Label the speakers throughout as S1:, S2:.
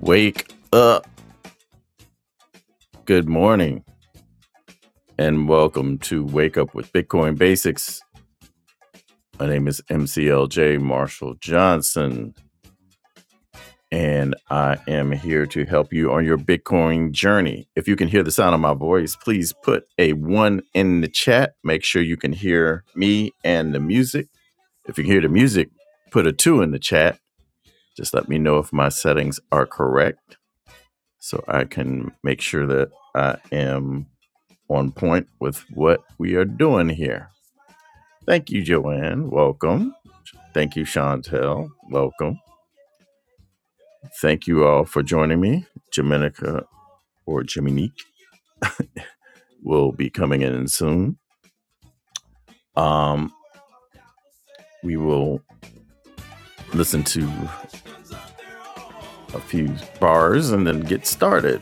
S1: Wake up. Good morning and welcome to Wake Up with Bitcoin Basics. My name is MCLJ Marshall Johnson and I am here to help you on your Bitcoin journey. If you can hear the sound of my voice, please put a one in the chat. Make sure you can hear me and the music. If you can hear the music, put a two in the chat. Just let me know if my settings are correct so I can make sure that I am on point with what we are doing here. Thank you, Joanne. Welcome. Thank you, Chantel. Welcome. Thank you all for joining me. Jaminica or Jiminique will be coming in soon. Um, we will listen to a few bars and then get started.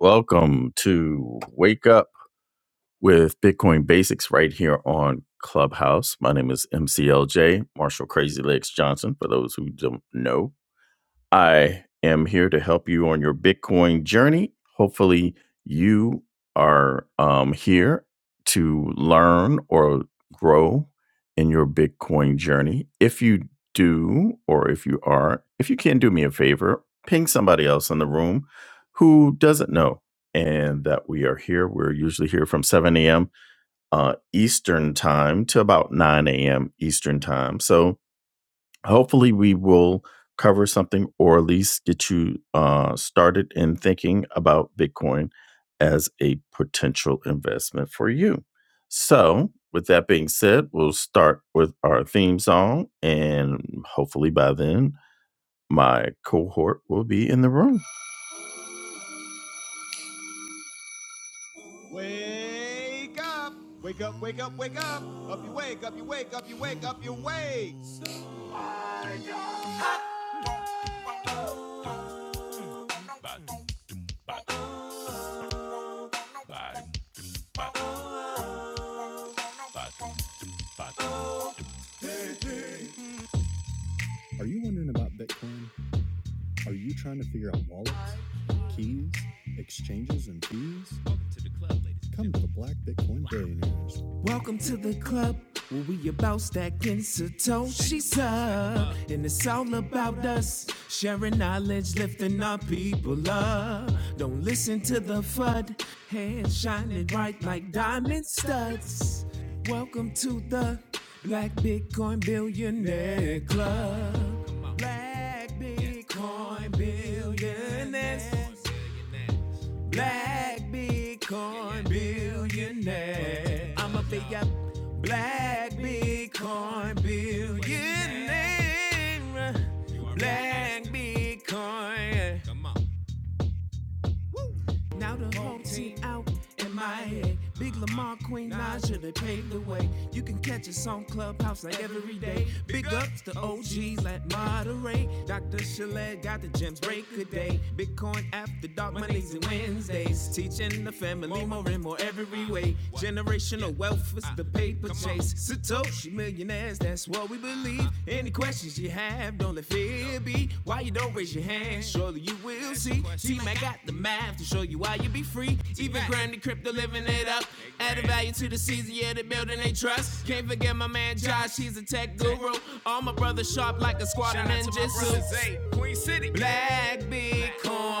S1: Welcome to Wake Up with Bitcoin Basics right here on Clubhouse. My name is MCLJ, Marshall Crazy Legs Johnson, for those who don't know. I am here to help you on your Bitcoin journey. Hopefully, you are um, here to learn or grow in your Bitcoin journey. If you do, or if you are, if you can do me a favor, ping somebody else in the room who doesn't know and that we are here. We're usually here from 7 a.m. Uh, Eastern time to about 9 a.m. Eastern time. So, hopefully we will cover something or at least get you uh, started in thinking about bitcoin as a potential investment for you so with that being said we'll start with our theme song and hopefully by then my cohort will be in the room wake up wake up wake up wake up up you wake up you wake up you wake up you wake Welcome to the club where we about stacking Satoshi's up. And it's all about us sharing knowledge, lifting our people up. Don't listen to the FUD, hands shining bright like diamond studs. Welcome to the Black Bitcoin Billionaire Club. Black Bitcoin Billionaires black Bitcoin billionaire. I'm a big up black Bitcoin billionaire. Black Bitcoin. Come on. Woo. Now the whole team out in Miami. Big Lamar, Queen Naja, they paved the way. You can catch us on Clubhouse like every day. Big ups to OGs like Moderate. Dr. Chalet got the gems, break a day. Bitcoin after dark, Mondays and Wednesdays. Teaching the family more and more every way. Generational wealth is the paper chase. Chase Satoshi millionaires, that's what we believe. Any questions you have, don't let fear be. Why you don't raise your hand? Surely you will see. T Mac got the math to show you why you be free. Even Granny Crypto living it up. Added value to the season, yeah, the building they trust. Can't forget my man Josh, he's a tech guru. All my brothers sharp like a squad of ninjas. Queen City. Black Bitcoin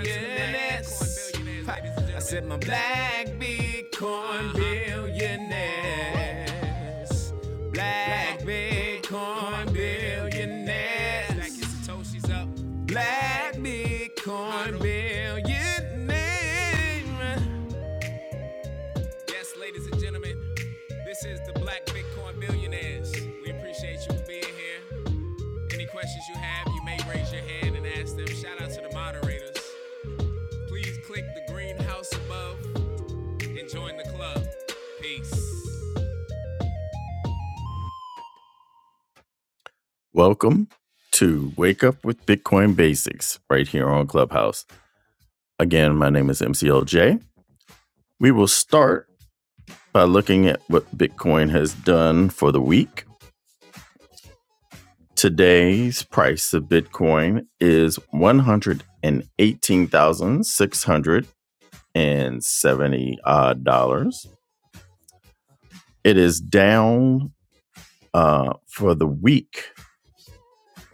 S1: billionaires. I said my black Bitcoin billionaires. Black Bitcoin billionaires. Black Bitcoin billionaires. Yes, ladies and gentlemen, this is the Black Bitcoin Billionaires. We appreciate you being here. Any questions you have, you may raise your hand and ask them. Shout out to the moderators. Please click the green house above Join the club. Peace. Welcome to Wake Up with Bitcoin Basics right here on Clubhouse. Again, my name is MCLJ. We will start by looking at what Bitcoin has done for the week. Today's price of Bitcoin is 118,670 odd dollars. It is down uh, for the week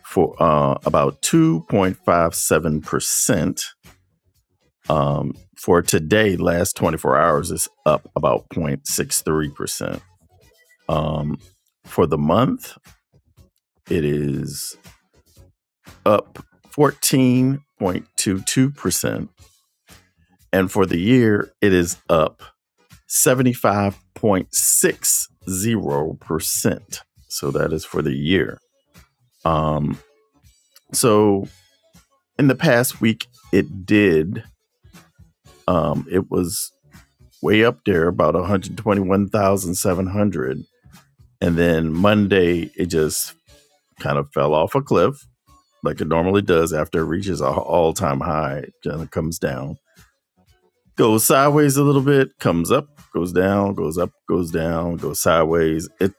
S1: for uh, about 2.57%. Um, for today, last 24 hours is up about 0.63%. Um, for the month, it is up 14.22%. And for the year, it is up 75.60%. So that is for the year. Um, so in the past week, it did. Um, it was way up there, about 121,700. And then Monday, it just kind of fell off a cliff like it normally does after it reaches a all time high, it kind of comes down goes sideways a little bit, comes up, goes down, goes up, goes down, goes sideways. It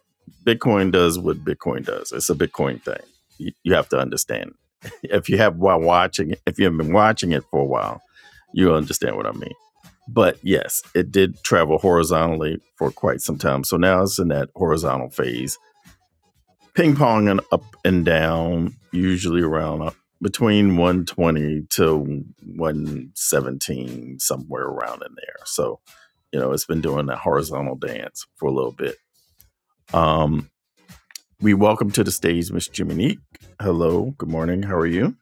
S1: Bitcoin does what Bitcoin does. It's a Bitcoin thing. You, you have to understand. If you have while watching, if you've been watching it for a while, you'll understand what I mean. But yes, it did travel horizontally for quite some time. So now it's in that horizontal phase ping ponging up and down, usually around uh, between 120 to 117, somewhere around in there. So, you know, it's been doing that horizontal dance for a little bit. Um, we welcome to the stage Miss Jiminique. Hello, good morning. How are you?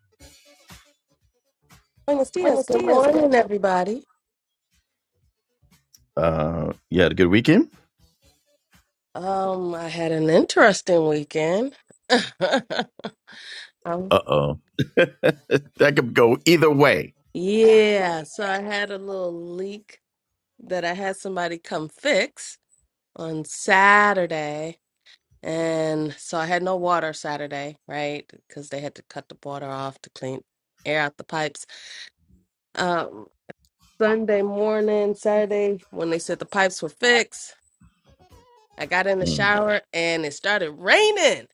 S2: Buenos dias. Good morning, everybody.
S1: Uh, you had a good weekend?
S2: Um, I had an interesting weekend. um,
S1: Uh oh, that could go either way.
S2: yeah, so I had a little leak that I had somebody come fix on Saturday, and so I had no water Saturday, right? Because they had to cut the water off to clean air out the pipes. Um, Sunday morning, Saturday, when they said the pipes were fixed, I got in the
S1: Mm.
S2: shower and it started raining.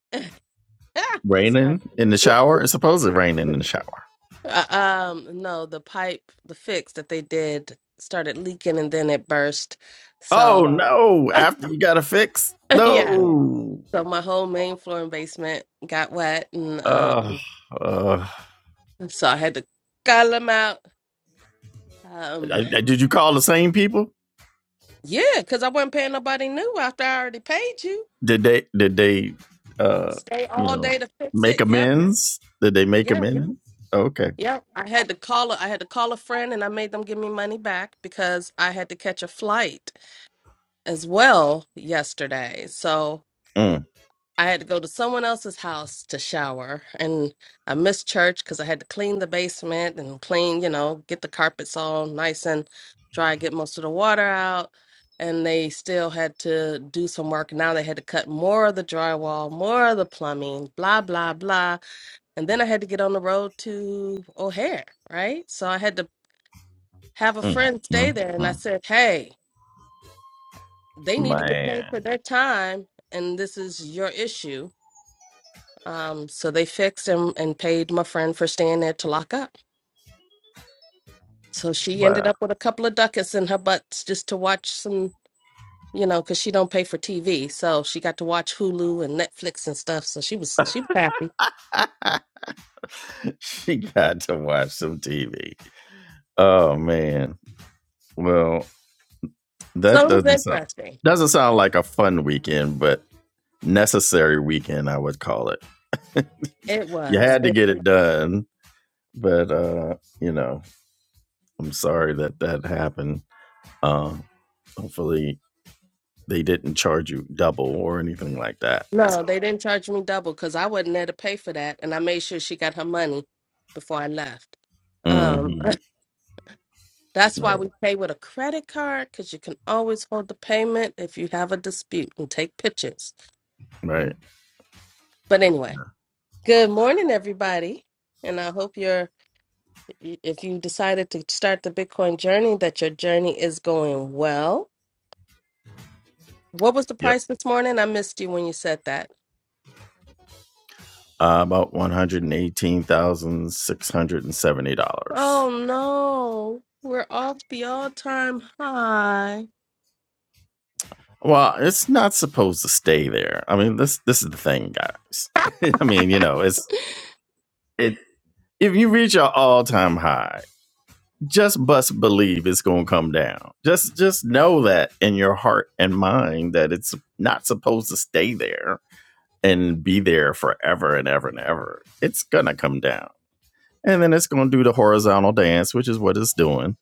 S2: it started.
S1: Raining in the shower? It's supposed to rain in the shower.
S2: Uh, um, no, the pipe, the fix that they did started leaking and then it burst.
S1: Oh
S2: So,
S1: no! After you got a fix?
S2: yeah.
S1: No.
S2: So my whole main floor and basement got wet and
S1: Uh,
S2: um
S1: uh,
S2: so I had to call them out. Um,
S1: did you call the same people?
S2: yeah, because I wasn't paying nobody new after I already paid you.
S1: Did they? Did they? Uh,
S2: Stay
S1: you
S2: all day
S1: know,
S2: to fix
S1: make
S2: it. Yep.
S1: amends? Did they make
S2: Yeah.
S1: amends? Okay.
S2: Yep. I had to call a, I had to call a friend and I made them give me money back because I had to catch a flight as well yesterday. So
S1: Mm,
S2: I had to go to someone else's house to shower, and I missed church because I had to clean the basement and clean, you know, get the carpets all nice and dry, get most of the water out. And they still had to do some work. Now they had to cut more of the drywall, more of the plumbing, blah, blah, blah. And then I had to get on the road to O'Hare, right? So I had to have a
S1: mm,
S2: friend
S1: mm,
S2: stay there, and I
S1: mm.
S2: said, hey, they need to get paid for
S1: Man,
S2: their time, and this is your issue Um, so they fixed and, and paid my friend for staying there to lock up. So she ended
S1: wow.
S2: up with a couple of ducats in her butts just to watch some, you know, because she don't pay for TV. So she got to watch Hulu and Netflix and stuff. So she was she was happy.
S1: she got to watch some TV. Oh man. Well, that
S2: So it was
S1: doesn't sound
S2: interesting.
S1: doesn't sound like a fun weekend, but necessary weekend I would call it.
S2: It
S1: You
S2: was.
S1: had to get it done, but uh, you know, I'm sorry that that happened. Um, hopefully they didn't charge you double or anything like that. So,
S2: No, they didn't charge me double because I wasn't there to pay for that, and I made sure she got her money before I left. Um,
S1: hmm
S2: that's why
S1: right,
S2: we pay with a credit card because you can always hold the payment if you have a dispute and take pictures.
S1: right,
S2: But anyway, good morning, everybody, and I hope your y- if you decided to start the Bitcoin journey, that your journey is going well. What was the
S1: yep.
S2: price this morning? I missed you when you said that.
S1: Uh, about one hundred and eighteen thousand six hundred and seventy dollars.
S2: Oh no, we're off the all-time high.
S1: Well, it's not supposed to stay there. I mean, this this is the thing, guys. I mean, you know, it's it. If you reach your all time high, just bust believe it's gonna come down. Just just know that in your heart and mind that it's not supposed to stay there and be there forever and ever and ever. It's gonna come down. And then it's gonna do the horizontal dance, which is what it's doing.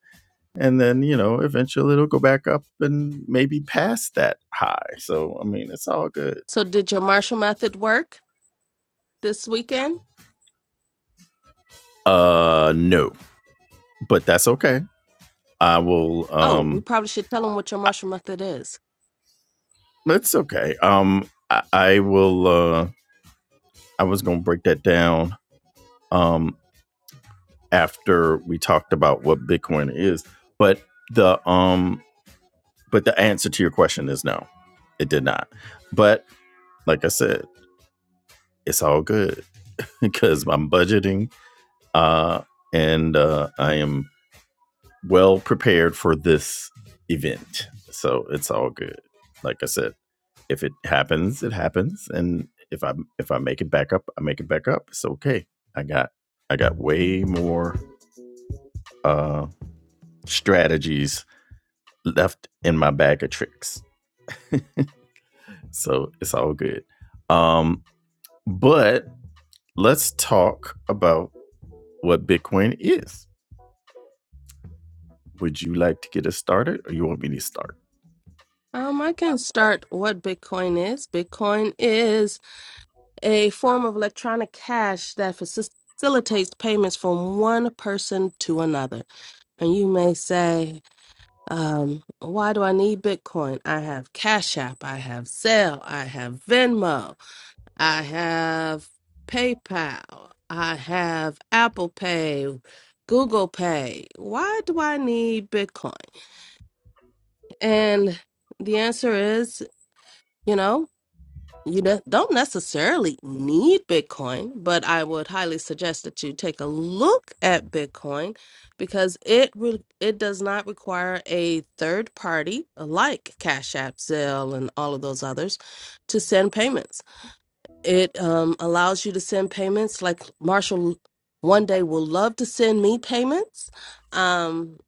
S1: And then, you know, eventually it'll go back up and maybe past that high. So I mean it's all good.
S2: So did your Marshall method work this weekend?
S1: Uh no. But that's okay. I will
S2: Oh, we
S1: um
S2: probably should tell them what your
S1: I,
S2: Marshall method is.
S1: it's okay. Um I, I will uh I was gonna break that down um, after we talked about what Bitcoin is. But the um, but the answer to your question is no, it did not. But like I said, it's all good because I'm budgeting uh, and uh, I am well prepared for this event, so it's all good. Like I said, if it happens, it happens, and if I if I make it back up, I make it back up. It's okay. I got I got way more uh, strategies left in my bag of tricks. So it's all good. Um, but let's talk about what Bitcoin is. Would you like to get us started or you want me to start?
S2: Um, I can start what Bitcoin is. Bitcoin is a form of electronic cash that facis- facilitates payments from one person to another. And you may say, Um, why do I need Bitcoin? I have Cash App, I have Zelle, I have Venmo, I have PayPal, I have Apple Pay, Google Pay. Why do I need Bitcoin? And the answer is, you know, you ne- don't necessarily need Bitcoin, but I would highly suggest that you take a look at Bitcoin because it re- it does not require a third party uh, like Cash App, Zelle, and all of those others to send payments. It um, allows you to send payments like Marshall one day will love to send me payments. Um,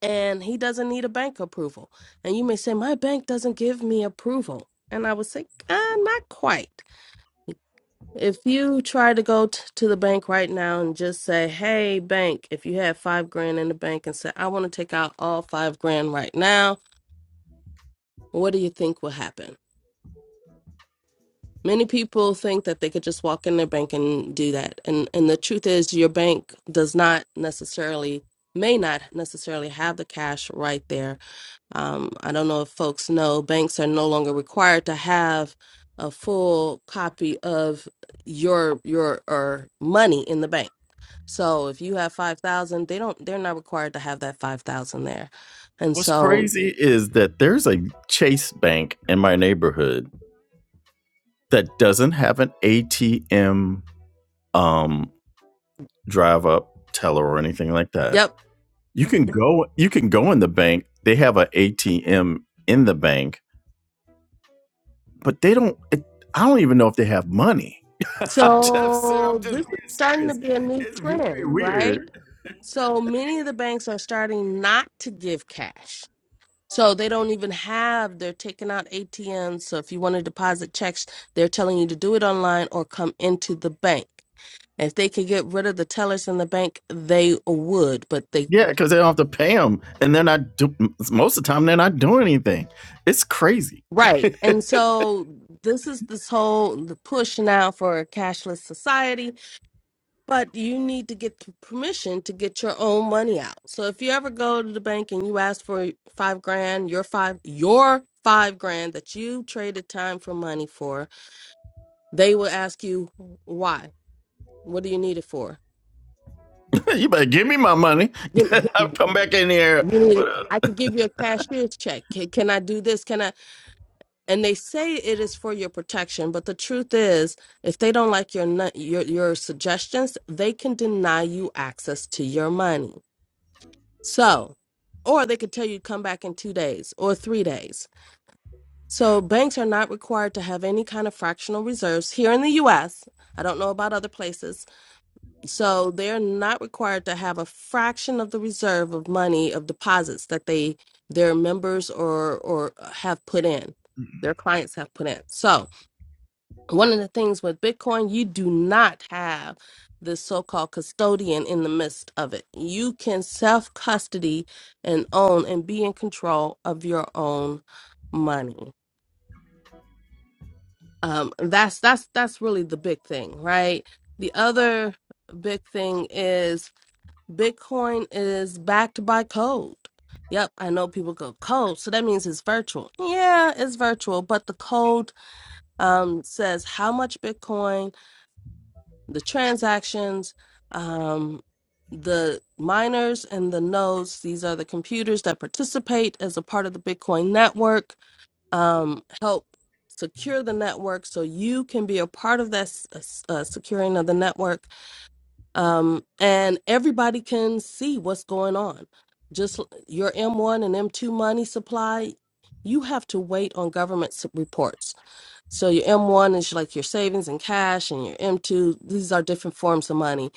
S2: and he doesn't need a bank approval. And you may say, My bank doesn't give me approval. And I would say, ah, Not quite if you try to go t- to the bank right now and just say, "Hey, bank," if you have five grand in the bank and say, "I want to take out all five grand right now," what do you think will happen? Many people think that they could just walk in their bank and do that, and and the truth is, your bank does not necessarily may not necessarily have the cash right there. Um, I don't know if folks know, banks are no longer required to have a full copy of your your or money in the bank So if you have 5,000, they don't they're not required to have that 5,000 there. And
S1: What's
S2: so,
S1: crazy is that there's a Chase Bank in my neighborhood that doesn't have an ATM um drive up teller or anything like that.
S2: yep.
S1: You can go you can go in the bank. They have an ATM in the bank but they don't. It, I don't even know if they have money. I'm just serious. I'm
S2: So
S1: just
S2: this is
S1: being
S2: starting to
S1: serious.
S2: be a new
S1: It's very
S2: trend, right?
S1: weird.
S2: So many of the banks are starting not to give cash. So they don't even have they're taking out ATMs. So if you want to deposit checks, they're telling you to do it online or come into the bank. If they could get rid of the tellers in the bank, they would, but they
S1: Yeah, because they don't have to pay them, and they're not do, most of the time they're not doing anything. It's crazy.
S2: Right. And so this is this whole the push now for a cashless society, but you need to get the permission to get your own money out. So if you ever go to the bank and you ask for five grand, your five your five grand that you traded time for money for, they will ask you why? What do you need it for?
S1: You better give me my money.
S2: Give me
S1: I'll come back in here.
S2: you need
S1: with
S2: it. I
S1: a-
S2: could give you a cashier's check. Can, can I do this? Can I? and they say it is for your protection but the truth is if they don't like your nu- your your suggestions they can deny you access to your money so or they could tell you come back in 2 days or 3 days so banks are not required to have any kind of fractional reserves here in the US I don't know about other places so they're not required to have a fraction of the reserve of money of deposits that they their members or or uh, have put in their clients have put in so one of the things with Bitcoin, you do not have the so called custodian in the midst of it. You can self custody and own and be in control of your own money. Um, that's that's that's really the big thing, right? The other big thing is Bitcoin is backed by code. Yep, I know people go code, so that means it's virtual. Yeah, it's virtual, but the code um, says how much Bitcoin the transactions, um, the miners and the nodes. These are the computers that participate as a part of the Bitcoin network, um, help secure the network so you can be a part of that s- uh, s- uh, securing of the network. Um, and everybody can see what's going on. Just l- your M1 and M2 money supply, you have to wait on government s- reports so your M1 is like your savings and cash, and your M2, these are different forms of money.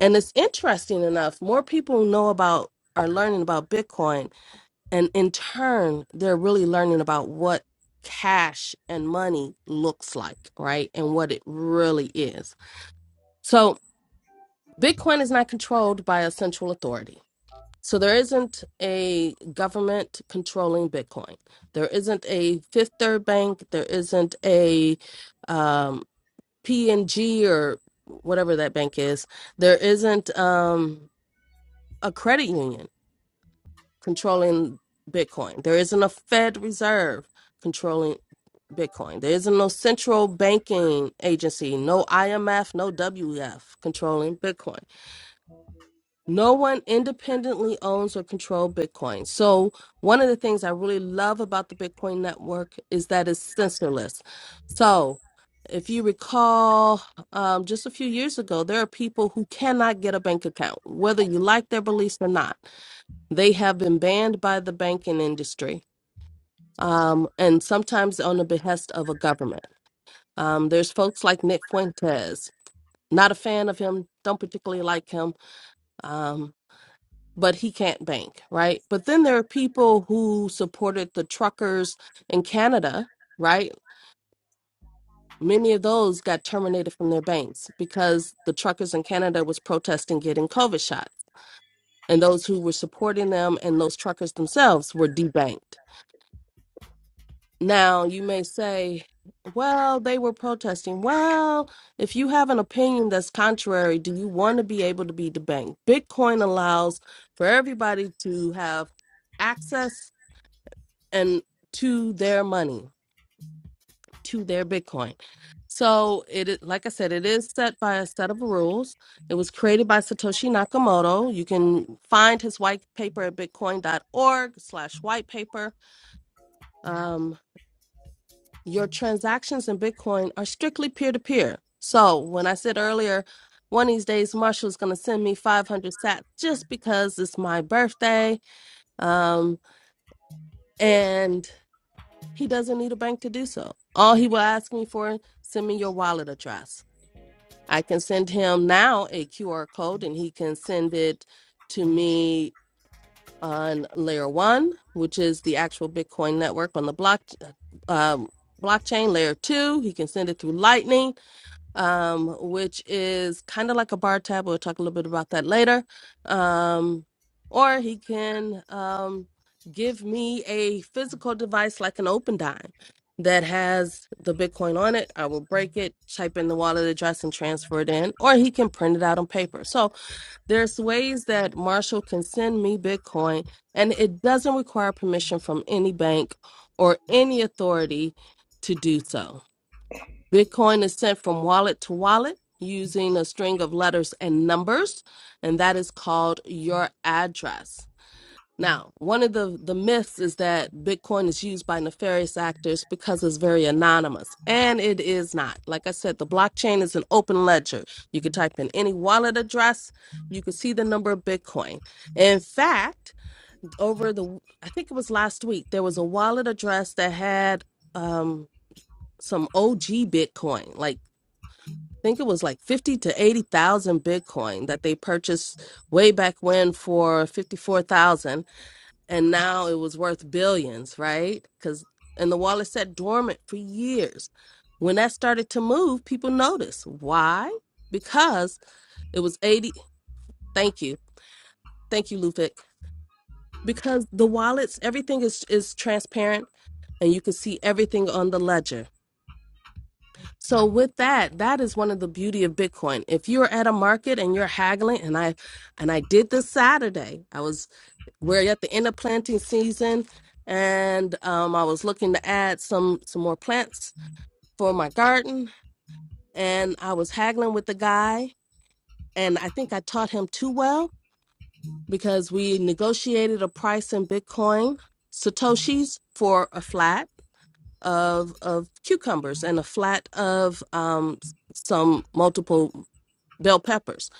S2: And it's interesting enough, more people know about are learning about Bitcoin, and in turn, they're really learning about what cash and money looks like, right? And what it really is. So Bitcoin is not controlled by a central authority. So there isn't a government controlling Bitcoin. There isn't a Fifth Third Bank. There isn't a um, P and G or whatever that bank is, there isn't um, a credit union controlling Bitcoin. There isn't a Fed Reserve controlling Bitcoin. There isn't no central banking agency, no IMF, no WF controlling Bitcoin. No one independently owns or controls Bitcoin. So, one of the things I really love about the Bitcoin network is that it's censorless. So, if you recall, um, just a few years ago, there are people who cannot get a bank account, whether you like their beliefs or not. They have been banned by the banking industry um, and sometimes on the behest of a government. Um, there's folks like Nick Fuentes, not a fan of him, don't particularly like him. Um, but he can't bank, right? But then there are people who supported the truckers in Canada, right? Many of those got terminated from their banks because the truckers in Canada was protesting getting COVID shots. And those who were supporting them and those truckers themselves were debanked. Now, you may say, well, they were protesting. Well, if you have an opinion that's contrary, do you want to be able to be debanked? Bitcoin allows for everybody to have access and to their money, to their Bitcoin. So it, is- like I said, it is set by a set of rules. It was created by Satoshi Nakamoto. You can find his white paper at bitcoin.org slash white paper. Um, your transactions in Bitcoin are strictly peer to peer. So when I said earlier, one of these days Marshall's going to send me 500 sats just because it's my birthday. Um, and He doesn't need a bank to do so. All he will ask me for, send me your wallet address. I can send him now a QR code and he can send it to me on layer one, which is the actual Bitcoin network on the block uh, um, blockchain. Layer two, he can send it through Lightning um, which is kind of like a bar tab. We'll talk a little bit about that later. Um, or he can um, give me a physical device like an open dime that has the Bitcoin on it. I will break it, type in the wallet address, and transfer it in. Or he can print it out on paper. So there's ways that Marshall can send me Bitcoin, and it doesn't require permission from any bank or any authority to do so. Bitcoin is sent from wallet to wallet using a string of letters and numbers, and that is called your address. Now, one of the, the myths is that Bitcoin is used by nefarious actors because it's very anonymous, and it is not. Like I said, the blockchain is an open ledger. You can type in any wallet address, you can see the number of Bitcoin. In fact, over the, I think it was last week, there was a wallet address that had um, some OG Bitcoin, like think it was like 50 to 80,000 Bitcoin that they purchased way back when for 54,000 and now it was worth billions, right? Cuz and the wallet sat dormant for years. When that started to move, people noticed. Why? Because it was 80 Thank you. Thank you, Lufik. Because the wallets, everything is is transparent and you can see everything on the ledger. So with that, that is one of the beauty of Bitcoin. If you're at a market and you're haggling, and I and I did this Saturday. I was we're at the end of planting season, and um, I was looking to add some some more plants for my garden, and I was haggling with the guy, and I think I taught him too well because we negotiated a price in Bitcoin satoshis for a flat of of cucumbers and a flat of um, some multiple bell peppers.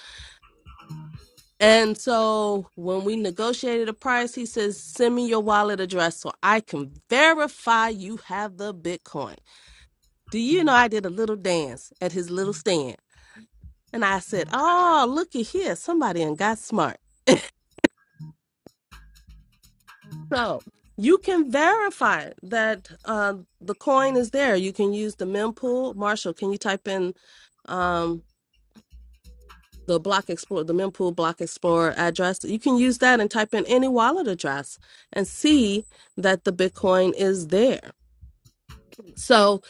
S2: And so when we negotiated a price, he says, send me your wallet address so I can verify you have the Bitcoin. Do you know I did a little dance at his little stand? And I said, oh, looky here, somebody and got smart. So you can verify that uh, the coin is there. You can use the mempool. Marshall, can you type in? um, the block explorer the mempool block explorer address you can use that and type in any wallet address and see that the bitcoin is there so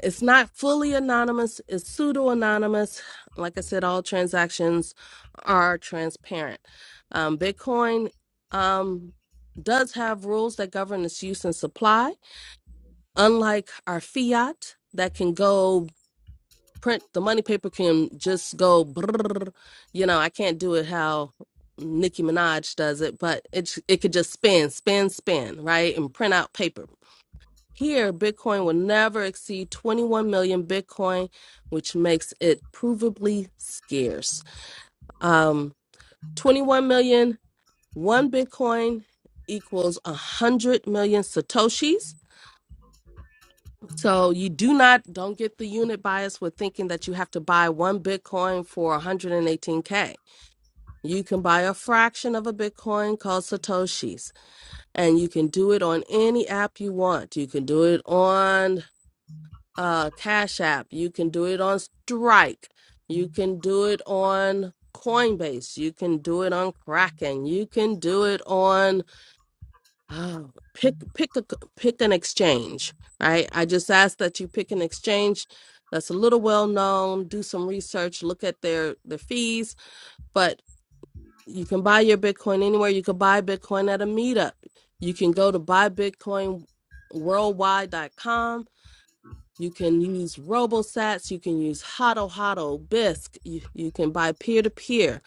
S2: it's not fully anonymous it's pseudo anonymous like i said all transactions are transparent um, bitcoin um, does have rules that govern its use and supply unlike our fiat that can go print the money paper can just go brrr. you know i can't do it how nicki minaj does it but it it could just spin spin spin right and print out paper here bitcoin will never exceed 21 million bitcoin which makes it provably scarce um 21 million one bitcoin equals 100 million satoshis So you do not don't get the unit bias with thinking that you have to buy one Bitcoin for 118k. You can buy a fraction of a Bitcoin called satoshis, and you can do it on any app you want. You can do it on uh, Cash App. You can do it on Strike. You can do it on Coinbase. You can do it on Kraken. You can do it on Oh, pick pick a pick an exchange. Right? I just ask that you pick an exchange that's a little well known. Do some research, look at their their fees. But you can buy your Bitcoin anywhere. You can buy Bitcoin at a meetup. You can go to buybitcoinworldwide.com. You can use RoboSats. You can use Hotto Hotto Bisc. You, you can buy peer to peer.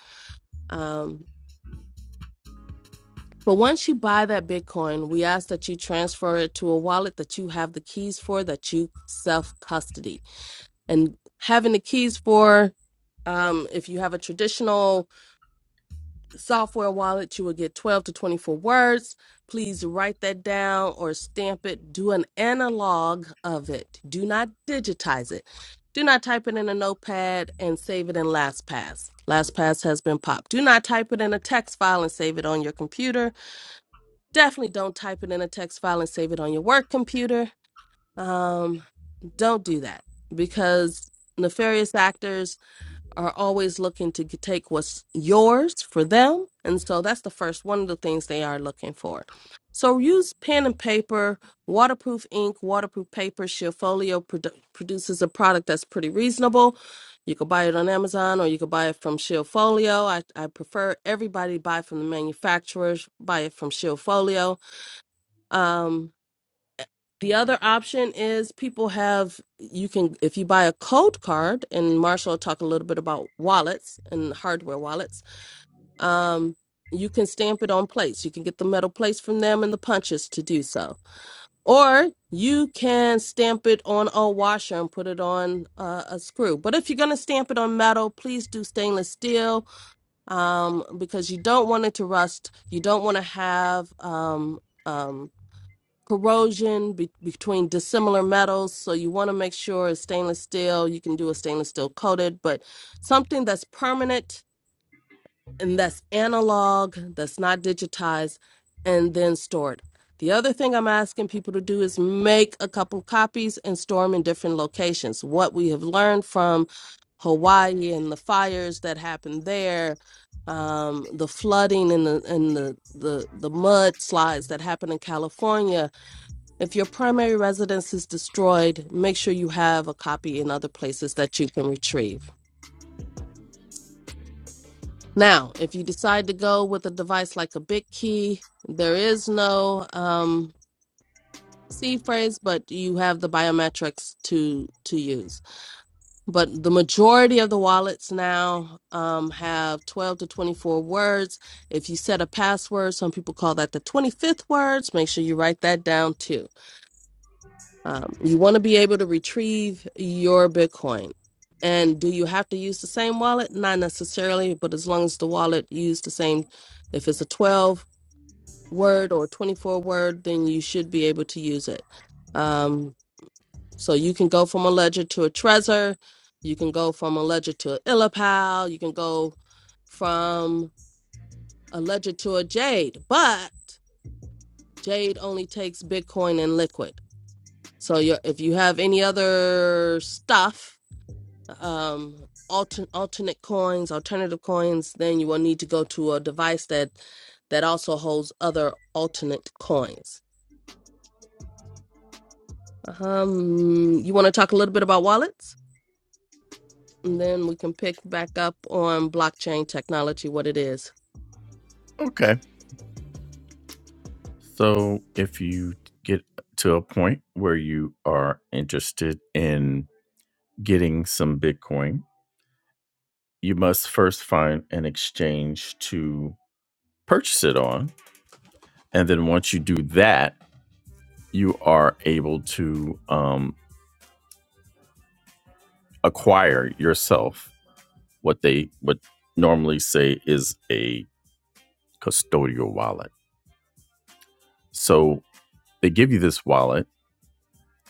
S2: But once you buy that Bitcoin, we ask that you transfer it to a wallet that you have the keys for that you self custody. And having the keys for, um, if you have a traditional software wallet, you will get 12 to 24 words. Please write that down or stamp it. Do an analog of it. Do not digitize it. Do not type it in a notepad and save it in LastPass. LastPass has been popped. Do not type it in a text file and save it on your computer Definitely don't type it in a text file and save it on your work computer. Um, don't do that because nefarious actors are always looking to g- take what's yours for them. And so that's the first one of the things they are looking for. So use pen and paper, waterproof ink, waterproof paper. Shieldfolio produ- produces a product that's pretty reasonable. You could buy it on Amazon or you could buy it from Shieldfolio. I, I prefer everybody buy from the manufacturers, buy it from Shieldfolio um, the other option is people have you can if you buy a code card, and Marshall will talk a little bit about wallets and hardware wallets. Um, you can stamp it on plates. You can get the metal plates from them and the punches to do so, or you can stamp it on a washer and put it on uh, a screw. But if you're going to stamp it on metal, please do stainless steel um, because you don't want it to rust. You don't want to have um, um, corrosion be- between dissimilar metals. So you want to make sure it's stainless steel. You can do a stainless steel coated, but something that's permanent and that's analog, that's not digitized, and then stored. The other thing I'm asking people to do is make a couple copies and store them in different locations. What we have learned from Hawaii and the fires that happened there, um, the flooding and the and the the, the mud slides that happened in California, if your primary residence is destroyed, make sure you have a copy in other places that you can retrieve. Now, if you decide to go with a device like a BitKey, there is no um, C phrase, but you have the biometrics to to use. But the majority of the wallets now um, have 12 to 24 words. If you set a password, some people call that the 25th words. Make sure you write that down too Um, you want to be able to retrieve your Bitcoin. And do you have to use the same wallet? Not necessarily, but as long as the wallet used the same, if it's a 12 word or 24 word, then you should be able to use it. Um, so you can go from a ledger to a Trezor. You can go from a ledger to an Illipal. You can go from a ledger to a Jade, but Jade only takes Bitcoin and Liquid. So your if you have any other stuff um altern alternate coins alternative coins then you will need to go to a device that that also holds other alternate coins um you want to talk a little bit about wallets and then we can pick back up on blockchain technology what it is
S1: Okay. So if you get to a point where you are interested in getting some Bitcoin, you must first find an exchange to purchase it on. And then once you do that, you are able to um, acquire yourself what they would normally say is a custodial wallet. So they give you this wallet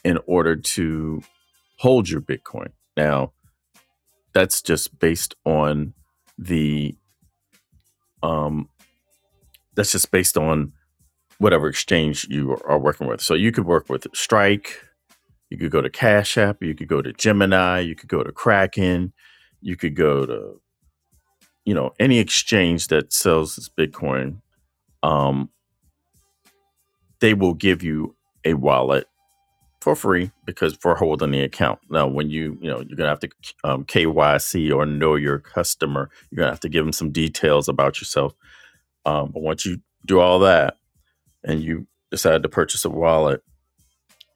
S1: in order to hold your Bitcoin. Now, that's just based on the um, that's just based on whatever exchange you are working with. So you could work with Strike, you could go to Cash App, you could go to Gemini, you could go to Kraken, you could go to you know any exchange that sells this bitcoin um they will give you a wallet for free because for holding the account now when you you know you're gonna have to um, kyc or know your customer you're gonna have to give them some details about yourself um, but once you do all that and you decide to purchase a wallet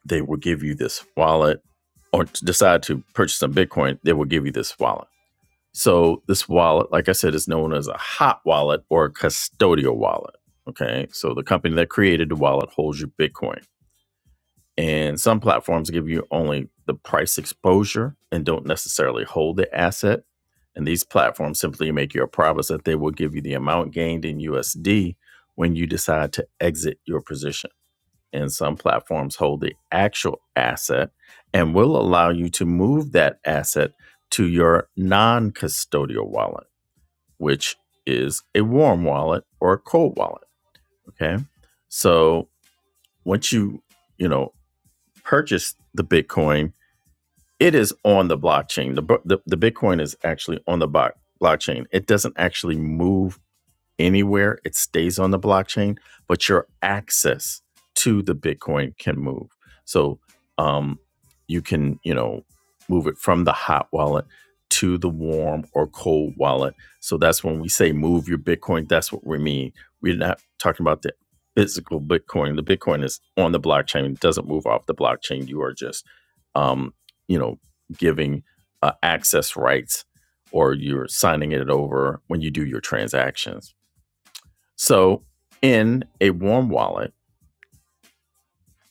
S1: they will give you this wallet or decide to purchase some bitcoin they will give you this wallet So this wallet, like I said, is known as a hot wallet or a custodial wallet. Okay. So the company that created the wallet holds your Bitcoin. And some platforms give you only the price exposure and don't necessarily hold the asset. And these platforms simply make you a promise that they will give you the amount gained in USD when you decide to exit your position. And some platforms hold the actual asset and will allow you to move that asset to your non custodial wallet which is a warm wallet or a cold wallet. Okay. So once you, you know, purchase the Bitcoin, it is on the blockchain. The, the, the Bitcoin is actually on the bo- blockchain. It doesn't actually move anywhere. It stays on the blockchain, but your access to the Bitcoin can move. So um, you can, you know, move it from the hot wallet to the warm or cold wallet. So that's when we say move your Bitcoin. That's what we mean. We're not talking about the physical Bitcoin. The Bitcoin is on the blockchain. It doesn't move off the blockchain. You are just, um, you know, giving uh, access rights or you're signing it over when you do your transactions so, in a warm wallet,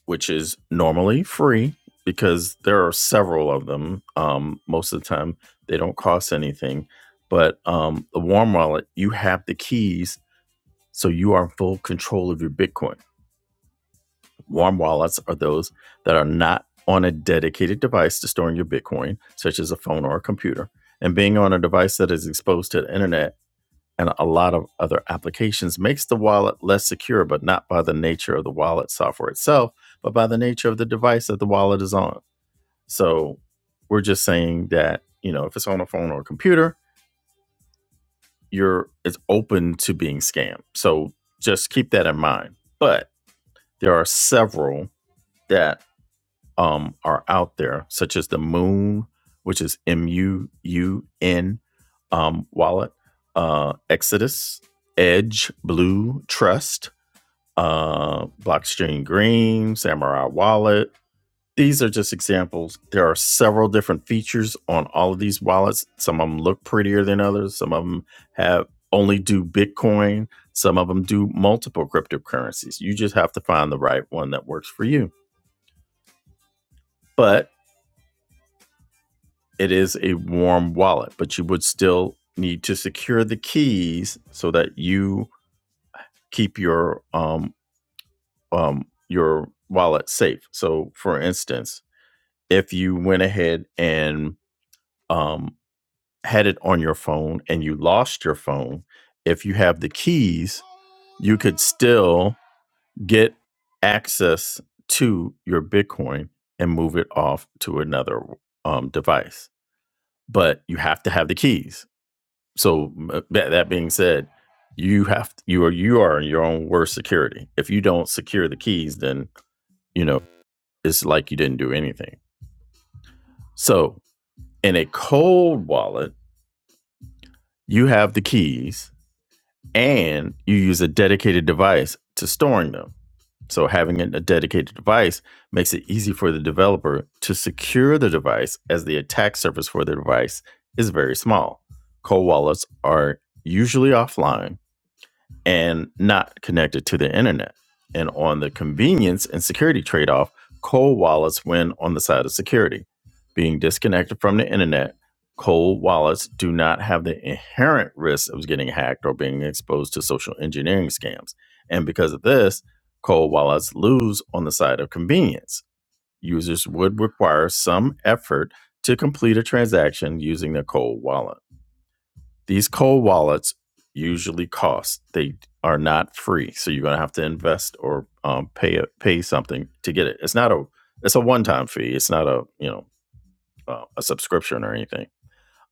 S1: which is normally free because there are several of them, um, most of the time they don't cost anything. But um, the warm wallet, you have the keys, so you are in full control of your Bitcoin. Warm wallets are those that are not on a dedicated device to storing your Bitcoin, such as a phone or a computer. And being on a device that is exposed to the internet and a lot of other applications makes the wallet less secure, but not by the nature of the wallet software itself, but by the nature of the device that the wallet is on. So we're just saying that, you know, if it's on a phone or a computer, you're it's open to being scammed. So just keep that in mind. But there are several that um, are out there, such as the Moon, which is M U U N um, wallet, uh, Exodus, Edge, Blue, Trust, uh, Blockstream Green, Samurai Wallet. These are just examples. There are several different features on all of these wallets. Some of them look prettier than others. Some of them have only do Bitcoin. Some of them do multiple cryptocurrencies. You just have to find the right one that works for you. But it is a warm wallet, but you would still need to secure the keys so that you keep your um, um, your wallet safe. So, for instance, if you went ahead and um, had it on your phone and you lost your phone, if you have the keys, you could still get access to your Bitcoin and move it off to another um, device. But you have to have the keys. So uh, that, that being said, you have to, you are you are your own worst security. If you don't secure the keys, then you know it's like you didn't do anything. So in a cold wallet you have the keys and you use a dedicated device to storing them. So, having a dedicated device makes it easy for the developer to secure the device as the attack surface for the device is very small. Cold wallets are usually offline and not connected to the internet. And on the convenience and security trade off, cold wallets win on the side of security. Being disconnected from the internet, cold wallets do not have the inherent risk of getting hacked or being exposed to social engineering scams. And because of this, cold wallets lose on the side of convenience. Users would require some effort to complete a transaction using their cold wallet. These cold wallets usually cost. They are not free, so you're going to have to invest or um, pay a, pay something to get it. It's not a it's a one time fee. It's not a you know uh, a subscription or anything.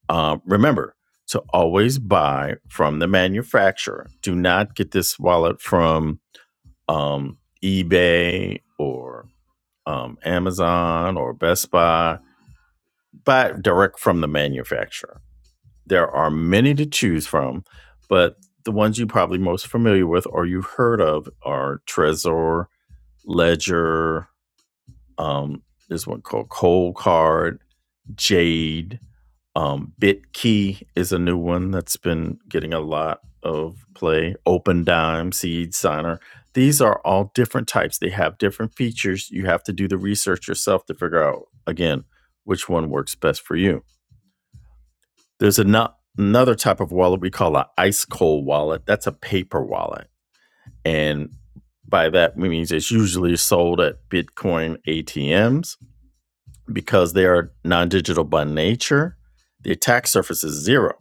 S1: Um, remember to always buy from the manufacturer. Do not get this wallet from um, eBay or um, Amazon or Best Buy. Buy direct from the manufacturer there are many to choose from, but the ones you're probably most familiar with or you've heard of are Trezor, Ledger, um, this one called Cold Card, Jade, um, BitKey is a new one that's been getting a lot of play. OpenDime, Dime, Seed Signer. These are all different types. They have different features. You have to do the research yourself to figure out, again, which one works best for you. There's ano- another type of wallet we call an ice cold wallet. That's a paper wallet. And by that, we mean it's usually sold at Bitcoin ATMs because they are non digital by nature. The attack surface is zero.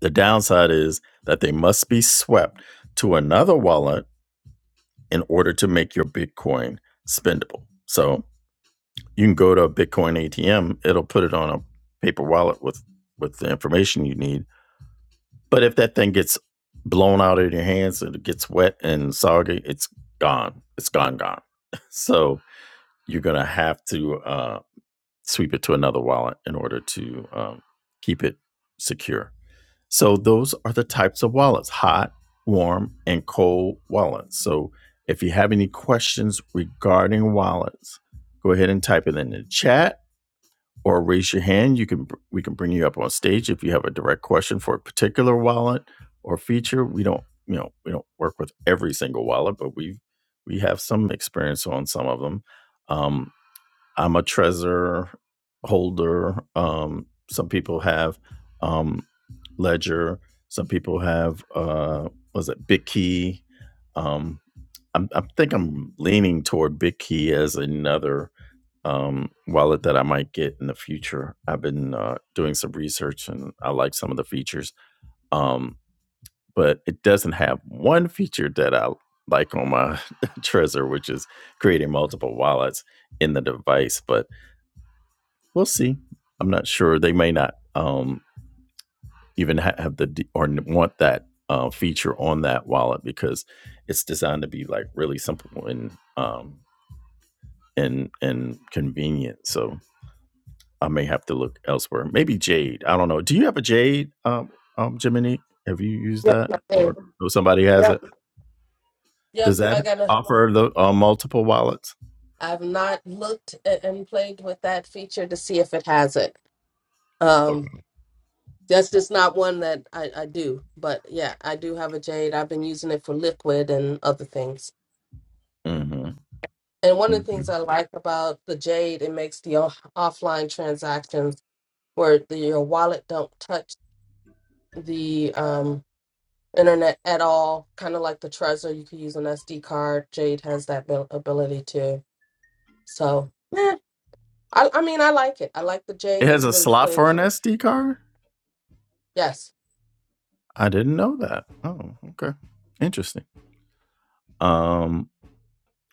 S1: The downside is that they must be swept to another wallet in order to make your Bitcoin spendable. So you can go to a Bitcoin ATM, it'll put it on a paper wallet with, with the information you need But if that thing gets blown out of your hands and it gets wet and soggy, it's gone. It's gone, gone. So you're gonna have to uh, sweep it to another wallet in order to um, keep it secure. So those are the types of wallets: hot, warm, and cold wallets. So if you have any questions regarding wallets, go ahead and type it in the chat or raise your hand. You can we can bring you up on stage if you have a direct question for a particular wallet or feature. We don't you know we don't work with every single wallet, but we we have some experience on some of them. Um, I'm a Trezor holder. Um, some people have um, Ledger. Some people have uh, was it BitKey. Um, I'm, I think I'm leaning toward BitKey as another um, wallet that I might get in the future. I've been uh, doing some research and I like some of the features, um, but it doesn't have one feature that I like on my Trezor, which is creating multiple wallets in the device. But we'll see. I'm not sure. They may not um, even ha- have the d- or n- want that uh, feature on that wallet because it's designed to be like really simple and um, and and convenient. So I may have to look elsewhere. Maybe Jade. I don't know. Do you have a Jade, um, um, Jiminy? Have you used
S2: yep
S1: that,
S2: right
S1: or
S2: there.
S1: oh, somebody has
S2: yep
S1: it?
S2: yep
S1: Does
S2: i
S1: that
S2: gotta
S1: offer the uh, multiple wallets?
S2: i've not looked at and played with that feature to see if it has it
S1: Okay.
S2: um that's just not one that I, I do but yeah i do have a jade i've been using it for liquid and other things
S1: hmm
S2: And one of the
S1: hmm
S2: things I like about the Jade, it makes the off- offline transactions where the, your wallet don't touch the um, internet at all. Kind of like the Trezor, you could use an SD card. Jade has that abil- ability too. So, yeah, I, I mean, I like it. I like the
S1: It
S2: Jade.
S1: has
S2: It's
S1: a
S2: really
S1: slot for
S2: quick.
S1: an SD card.
S2: Yes.
S1: I didn't know that. Oh, okay. Interesting. Um,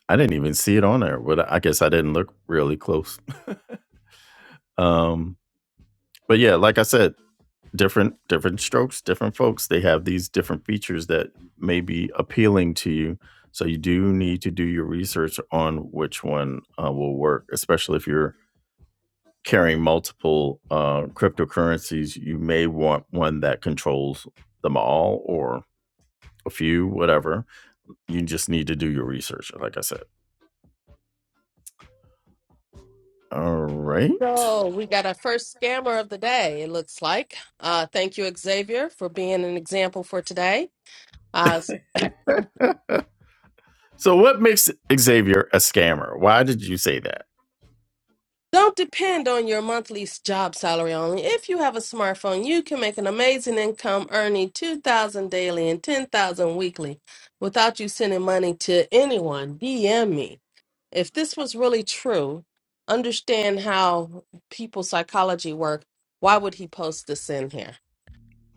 S1: I didn't even see it on there, but I guess I didn't look really close. Um, but yeah, like I said, different different strokes different folks they have these different features that may be appealing to you so you do need to do your research on which one uh, will work especially if you're carrying multiple uh, cryptocurrencies you may want one that controls them all or a few whatever you just need to do your research like i said all right
S2: So we got our first scammer of the day. It looks like. Uh, thank you, Xavier, for being an example for today. Uh,
S1: So, what makes Xavier a scammer? Why did you say that?
S2: Don't depend on your monthly s- job salary only. If you have a smartphone, you can make an amazing income earning 2000 daily and 10000 weekly without you sending money to anyone. DM me. If this was really true, understand how people's psychology work. Why would he post this in here?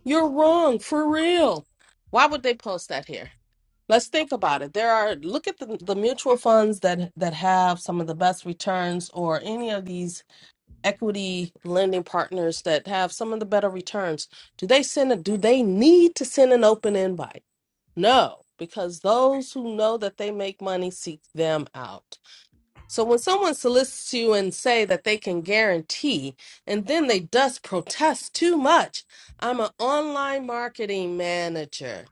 S2: You're wrong, for real. Why would they post that here? Let's think about it. There are look at the, the mutual funds that that have some of the best returns or any of these equity lending partners that have some of the better returns do they send a do they need to send an open invite no because those who know that they make money seek them out so when someone solicits you and say that they can guarantee and then they just protest too much i'm an online marketing manager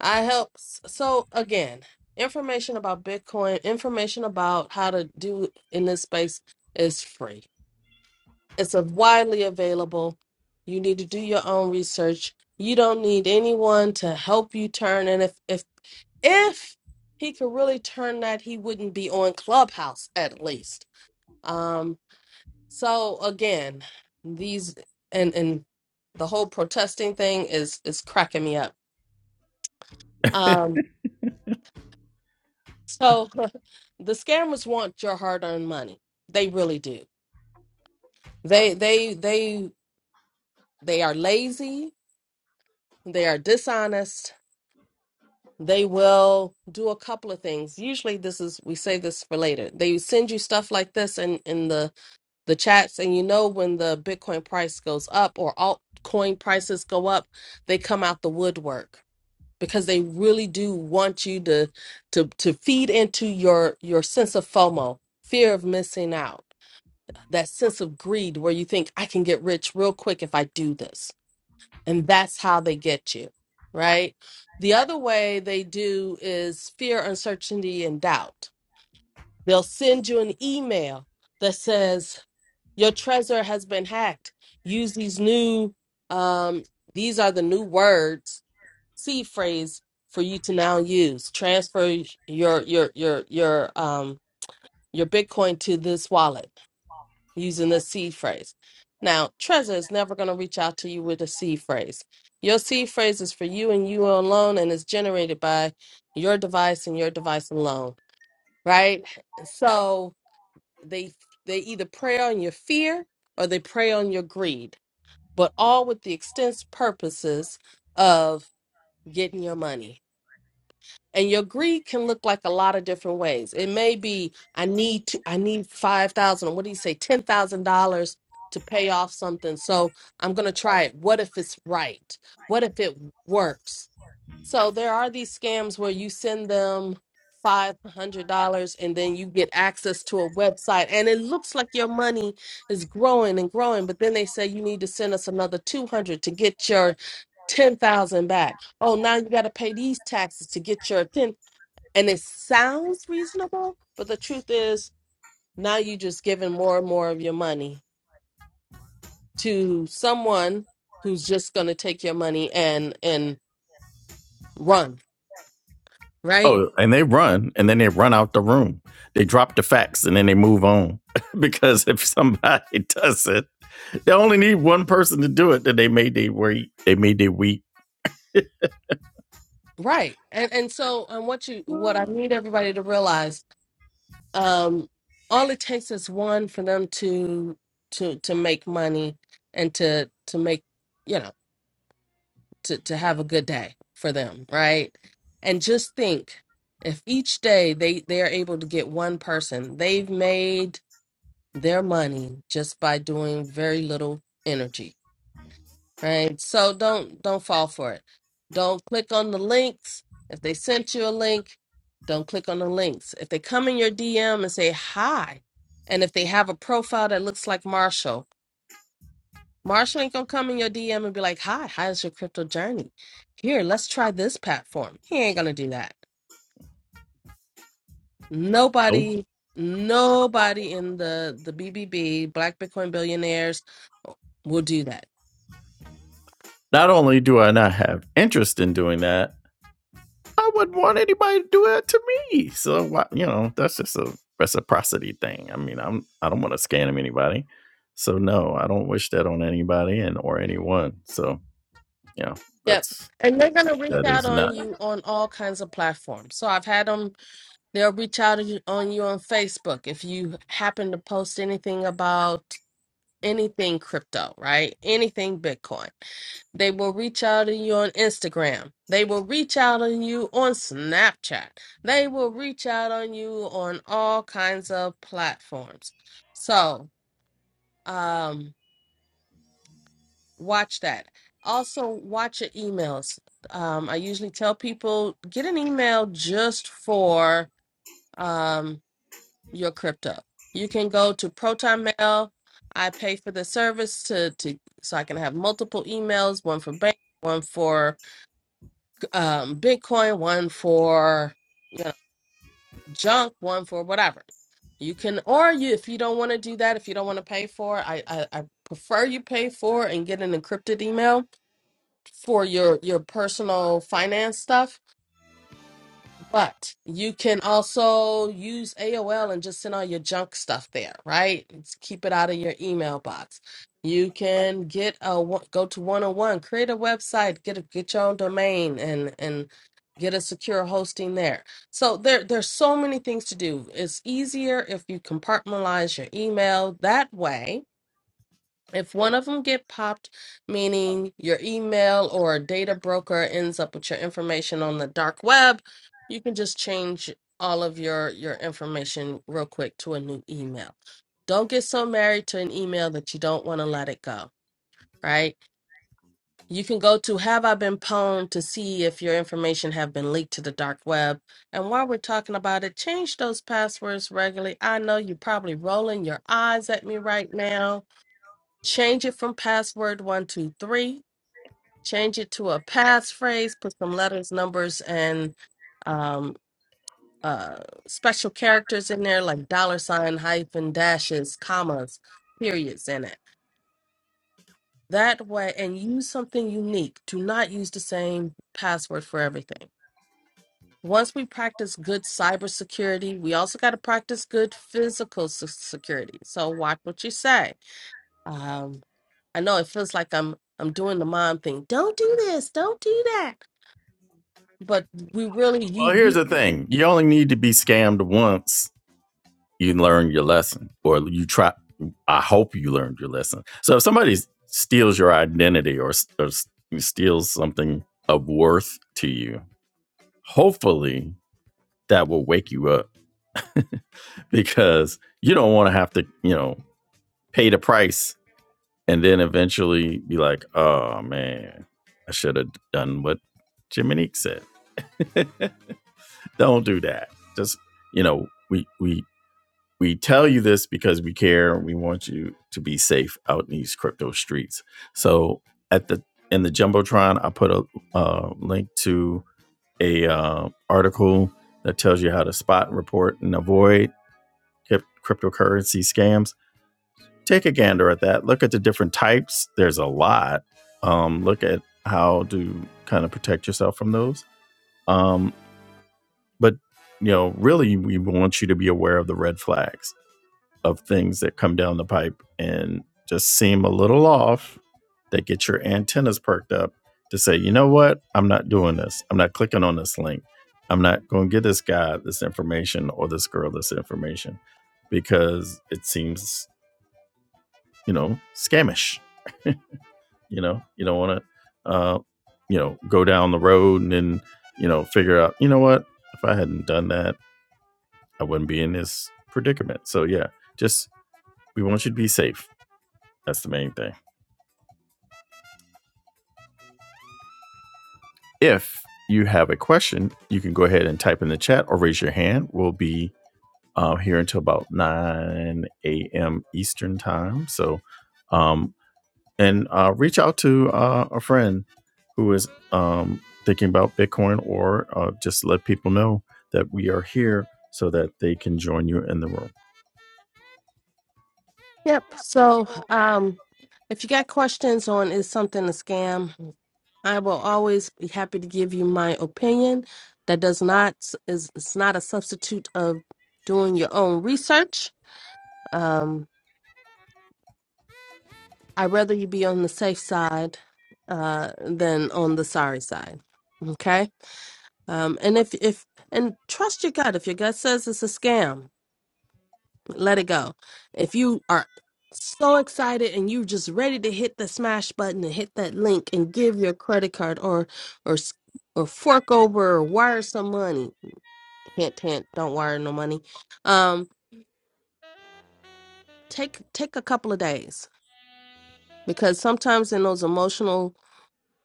S2: i help so again information about bitcoin information about how to do in this space is free it's a widely available. You need to do your own research. You don't need anyone to help you turn. And if if if he could really turn that, he wouldn't be on Clubhouse at least. Um, so again, these and and the whole protesting thing is is cracking me up. Um, so the scammers want your hard-earned money. They really do. They they they they are lazy. They are dishonest they will do a couple of things usually this is we say this for later they send you stuff like this in in the the chats and you know when the bitcoin price goes up or altcoin prices go up they come out the woodwork because they really do want you to to to feed into your your sense of fomo fear of missing out that sense of greed where you think i can get rich real quick if i do this and that's how they get you, right? The other way they do is fear, uncertainty, and doubt. They'll send you an email that says, Your treasure has been hacked. Use these new, um, these are the new words, C phrase for you to now use. Transfer your, your, your, your, um, your Bitcoin to this wallet using the C phrase. Now, Trezor is never going to reach out to you with a C phrase. Your C phrase is for you and you alone and is generated by your device and your device alone, right? So they they either prey on your fear or they prey on your greed, but all with the extense purposes of getting your money and your greed can look like a lot of different ways. It may be I need to I need five thousand or what do you say, ten thousand dollars to pay off something. So I'm gonna try it. What if it's right? What if it works? So there are these scams where you send them five hundred dollars and then you get access to a website and it looks like your money is growing and growing, but then they say you need to send us another two hundred to get your ten thousand back. Oh, now you gotta pay these taxes to get your ten and it sounds reasonable, but the truth is now you just giving more and more of your money to someone who's just gonna take your money and and run, right?
S1: Oh, and they run, and then they run out the room. They drop the facts, and then they move on. because if somebody does it, they only need one person to do it. That they made they weak. They made they weak.
S2: Right. And and so and what you what I need everybody to realize, um, all it takes is one for them to to to make money and to to make you know, to, to have a good day for them, right? And just think if each day they they are able to get one person, they've made their money just by doing very little energy Right. So don't don't fall for it. Don't click on the links. If they sent you a link, don't click on the links. If they come in your DM and say hi, and if they have a profile that looks like Marshall, Marshall ain't gonna come in your DM and be like, Hi, how's your crypto journey? Here, let's try this platform. He ain't gonna do that.
S1: Nope.
S2: Nobody, nobody in the the BBB, Black Bitcoin billionaires, We'll do that.
S1: Not only do I not have interest in doing that, I wouldn't want anybody to do that to me. So you know, that's just a reciprocity thing. I mean, I'm I don't want to scam anybody. So no, I don't wish that on anybody and or anyone. So yeah,
S2: Yep.
S1: that's
S2: And they're going to reach
S1: that
S2: out
S1: is
S2: on
S1: not.
S2: you on all kinds of platforms. So I've had them, they'll reach out on you on you on Facebook. If you happen to post anything about anything crypto, right? Anything Bitcoin. They will reach out to you on Instagram. They will reach out on you on Snapchat. They will reach out on you on all kinds of platforms. So, um, watch that. Also, watch your emails. Um, I usually tell people get an email just for. um. your crypto. You can go to Proton Mail. I pay for the service to, to so I can have multiple emails, one for bank, one for um, Bitcoin, one for you know junk, one for whatever. You can or you if you don't want to do that, if you don't want to pay for, it, I, I I prefer you pay for and get an encrypted email for your your personal finance stuff But you can also use AOL and just send all your junk stuff there, right? Let's keep it out of your email box. You can get a one- go to 101, create a website, get a, get your own domain and and get a secure hosting there. So there there's so many things to do. It's easier if you compartmentalize your email that way if one of them get popped, meaning your email or a data broker ends up with your information on the dark web, you can just change all of your your information real quick to a new email. Don't get so married to an email that you don't want to let it go, right? You can go to Have I Been Pwned to see if your information have been leaked to the dark web. And while we're talking about it, change those passwords regularly. I know you're probably rolling your eyes at me right now Change it from password one, two, three. Change it to a passphrase. Put some letters, numbers, and um, uh, special characters in there like dollar sign, hyphen, dashes, commas, periods in it. That way, and use something unique. Do not use the same password for everything. Once we practice good cybersecurity, we also got to practice good physical se- security. So watch what you say Um, I know it feels like I'm I'm doing the mom thing. Don't do this, don't do that. But we really
S1: Well,
S2: you
S1: here's
S2: you
S1: the thing: you only need to be scammed once you learn your lesson or you try i hope you learned your lesson so if somebody steals your identity or, or steals something of worth to you hopefully that will wake you up because you don't want to have to you know pay the price and then eventually be like oh man i should have done what jiminique said don't do that just you know we we we tell you this because we care. We want you to be safe out in these crypto streets. So at the in the jumbotron, I put a uh, link to a uh, article that tells you how to spot, report, and avoid cryptocurrency scams. Take a gander at that. Look at the different types. There's a lot. Um, look at how to kind of protect yourself from those. Um, but you know, really, we want you to be aware of the red flags of things that come down the pipe and just seem a little off that get your antennas perked up to say, you know what? I'm not doing this. I'm not clicking on this link. I'm not going to give this guy this information or this girl this information because it seems, you know, scamish. You know, you don't want to, uh, you know, go down the road and then, you know, figure out, you know what? If I hadn't done that, I wouldn't be in this predicament. So, yeah, just we want you to be safe. That's the main thing. If you have a question, you can go ahead and type in the chat or raise your hand. We'll be uh, here until about 9 a.m. Eastern time. So, um, and uh, reach out to uh, a friend who is um, thinking about Bitcoin or uh, just let people know that we are here so that they can join you in the room.
S2: Yep. So um if you got questions on is something a scam, I will always be happy to give you my opinion. That does not is it's not a substitute of doing your own research. Um I'd rather you be on the safe side uh than on the sorry side. Okay? Um, and if if and trust your gut. If your gut says it's a scam, let it go. If you are so excited and you're just ready to hit the smash button and hit that link and give your credit card or or s- or fork over or wire some money. Hint, hint. Don't wire no money. Um, take take a couple of days because sometimes in those emotional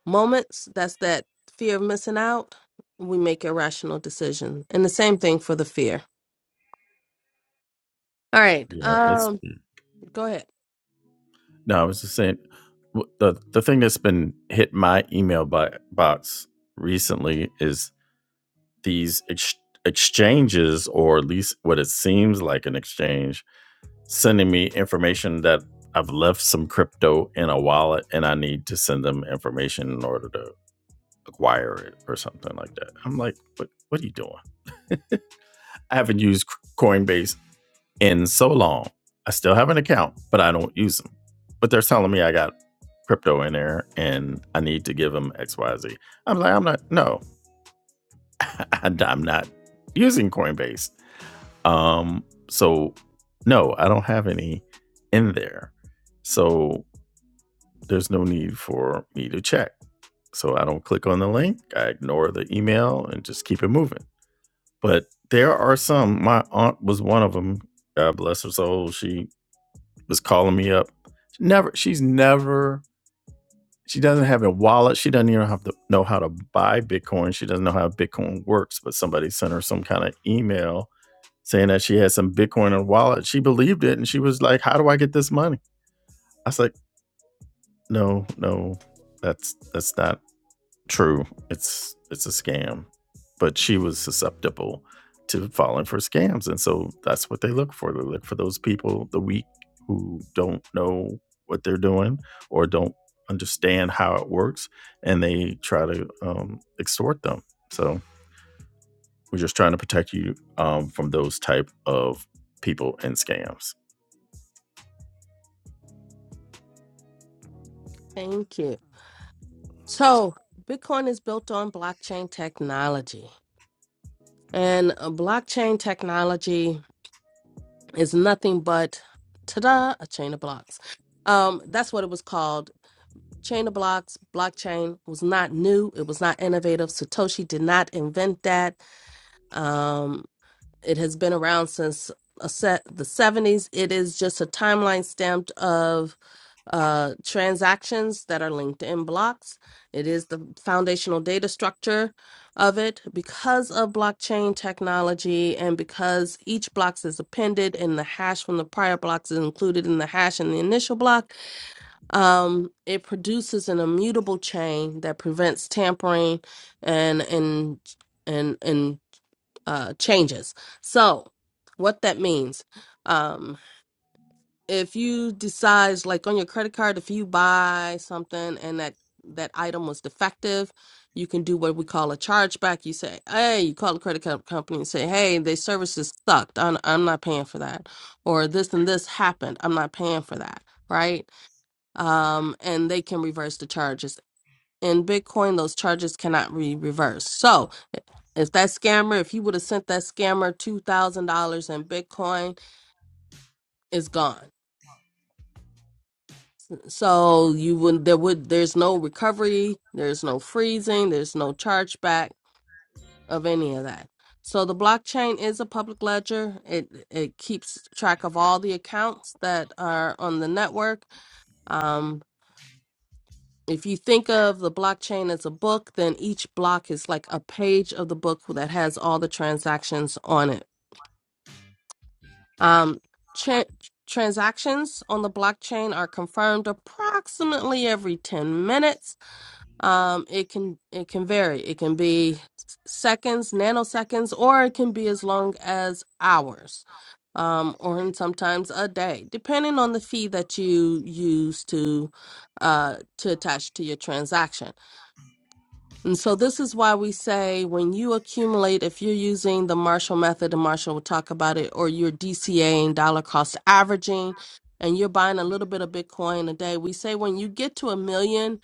S2: moments, that's that fear of missing out. We make irrational decisions, and the same thing for the fear. All right.
S1: Yeah, it's
S2: Um. Go ahead.
S1: no, I was just saying the the thing that's been hit my email by, box recently is these ex- exchanges, or at least what it seems like an exchange, sending me information that I've left some crypto in a wallet and I need to send them information in order to acquire it or something like that. I'm like, what, what are you doing? I haven't used Coinbase in so long. I still have an account, but I don't use them. But they're telling me I got crypto in there and I need to give them X, Y, am like, I'm not, no, I'm not using Coinbase. Um, so no, I don't have any in there. So there's no need for me to check. So I don't click on the link, I ignore the email and just keep it moving. But there are some, my aunt was one of them. God bless her soul. She was calling me up. She Never, she's never, she doesn't have a wallet. She doesn't even have to know how to buy Bitcoin. She doesn't know how Bitcoin works, but somebody sent her some kind of email saying that she had some Bitcoin in her wallet. She believed it and she was like, How do I get this money? I was like, No, no, that's that's not true. It's it's a scam. But she was susceptible to falling for scams. And so that's what they look for. They look for those people, the weak who don't know what they're doing or don't understand how it works, and they try to um, extort them. So we're just trying to protect you um, from those type of people and scams.
S2: Thank you. So, Bitcoin is built on blockchain technology, and uh, blockchain technology is nothing but ta-da, a chain of blocks. Um, that's what it was called. Chain of blocks, blockchain was not new. It was not innovative. Satoshi did not invent that. Um. It has been around since a set the 70s. It is just a timeline stamped of uh, transactions that are linked in blocks. It is the foundational data structure of it because of blockchain technology and because each blocks is appended and the hash from the prior blocks is included in the hash in the initial block. Um, it produces an immutable chain that prevents tampering and and and and uh, changes. So, what that means, um, if you decide, like on your credit card, if you buy something and that that item was defective, you can do what we call a chargeback. You say, hey, you call the credit card company and say, hey, their services sucked. I'm, I'm not paying for that. Or this and this happened. I'm not paying for that. Right. Um, and they can reverse the charges. In Bitcoin, those charges cannot be reversed. So, if that scammer, if he would have sent that scammer two thousand dollars in Bitcoin, it's gone. So you would there would there's no recovery, there's no freezing, there's no chargeback of any of that. So the blockchain is a public ledger. It it keeps track of all the accounts that are on the network. Um, if you think of the blockchain as a book, then each block is like a page of the book that has all the transactions on it Um, tra- transactions on the blockchain are confirmed approximately every 10 minutes. Um, it can it can vary. It can be s- seconds, nanoseconds, or it can be as long as hours, um, or in sometimes a day, depending on the fee that you use to uh, to attach to your transaction. And so this is why we say when you accumulate, if you're using the Marshall method, and Marshall will talk about it, or you're DCAing dollar cost averaging, and you're buying a little bit of Bitcoin a day, we say when you get to a million,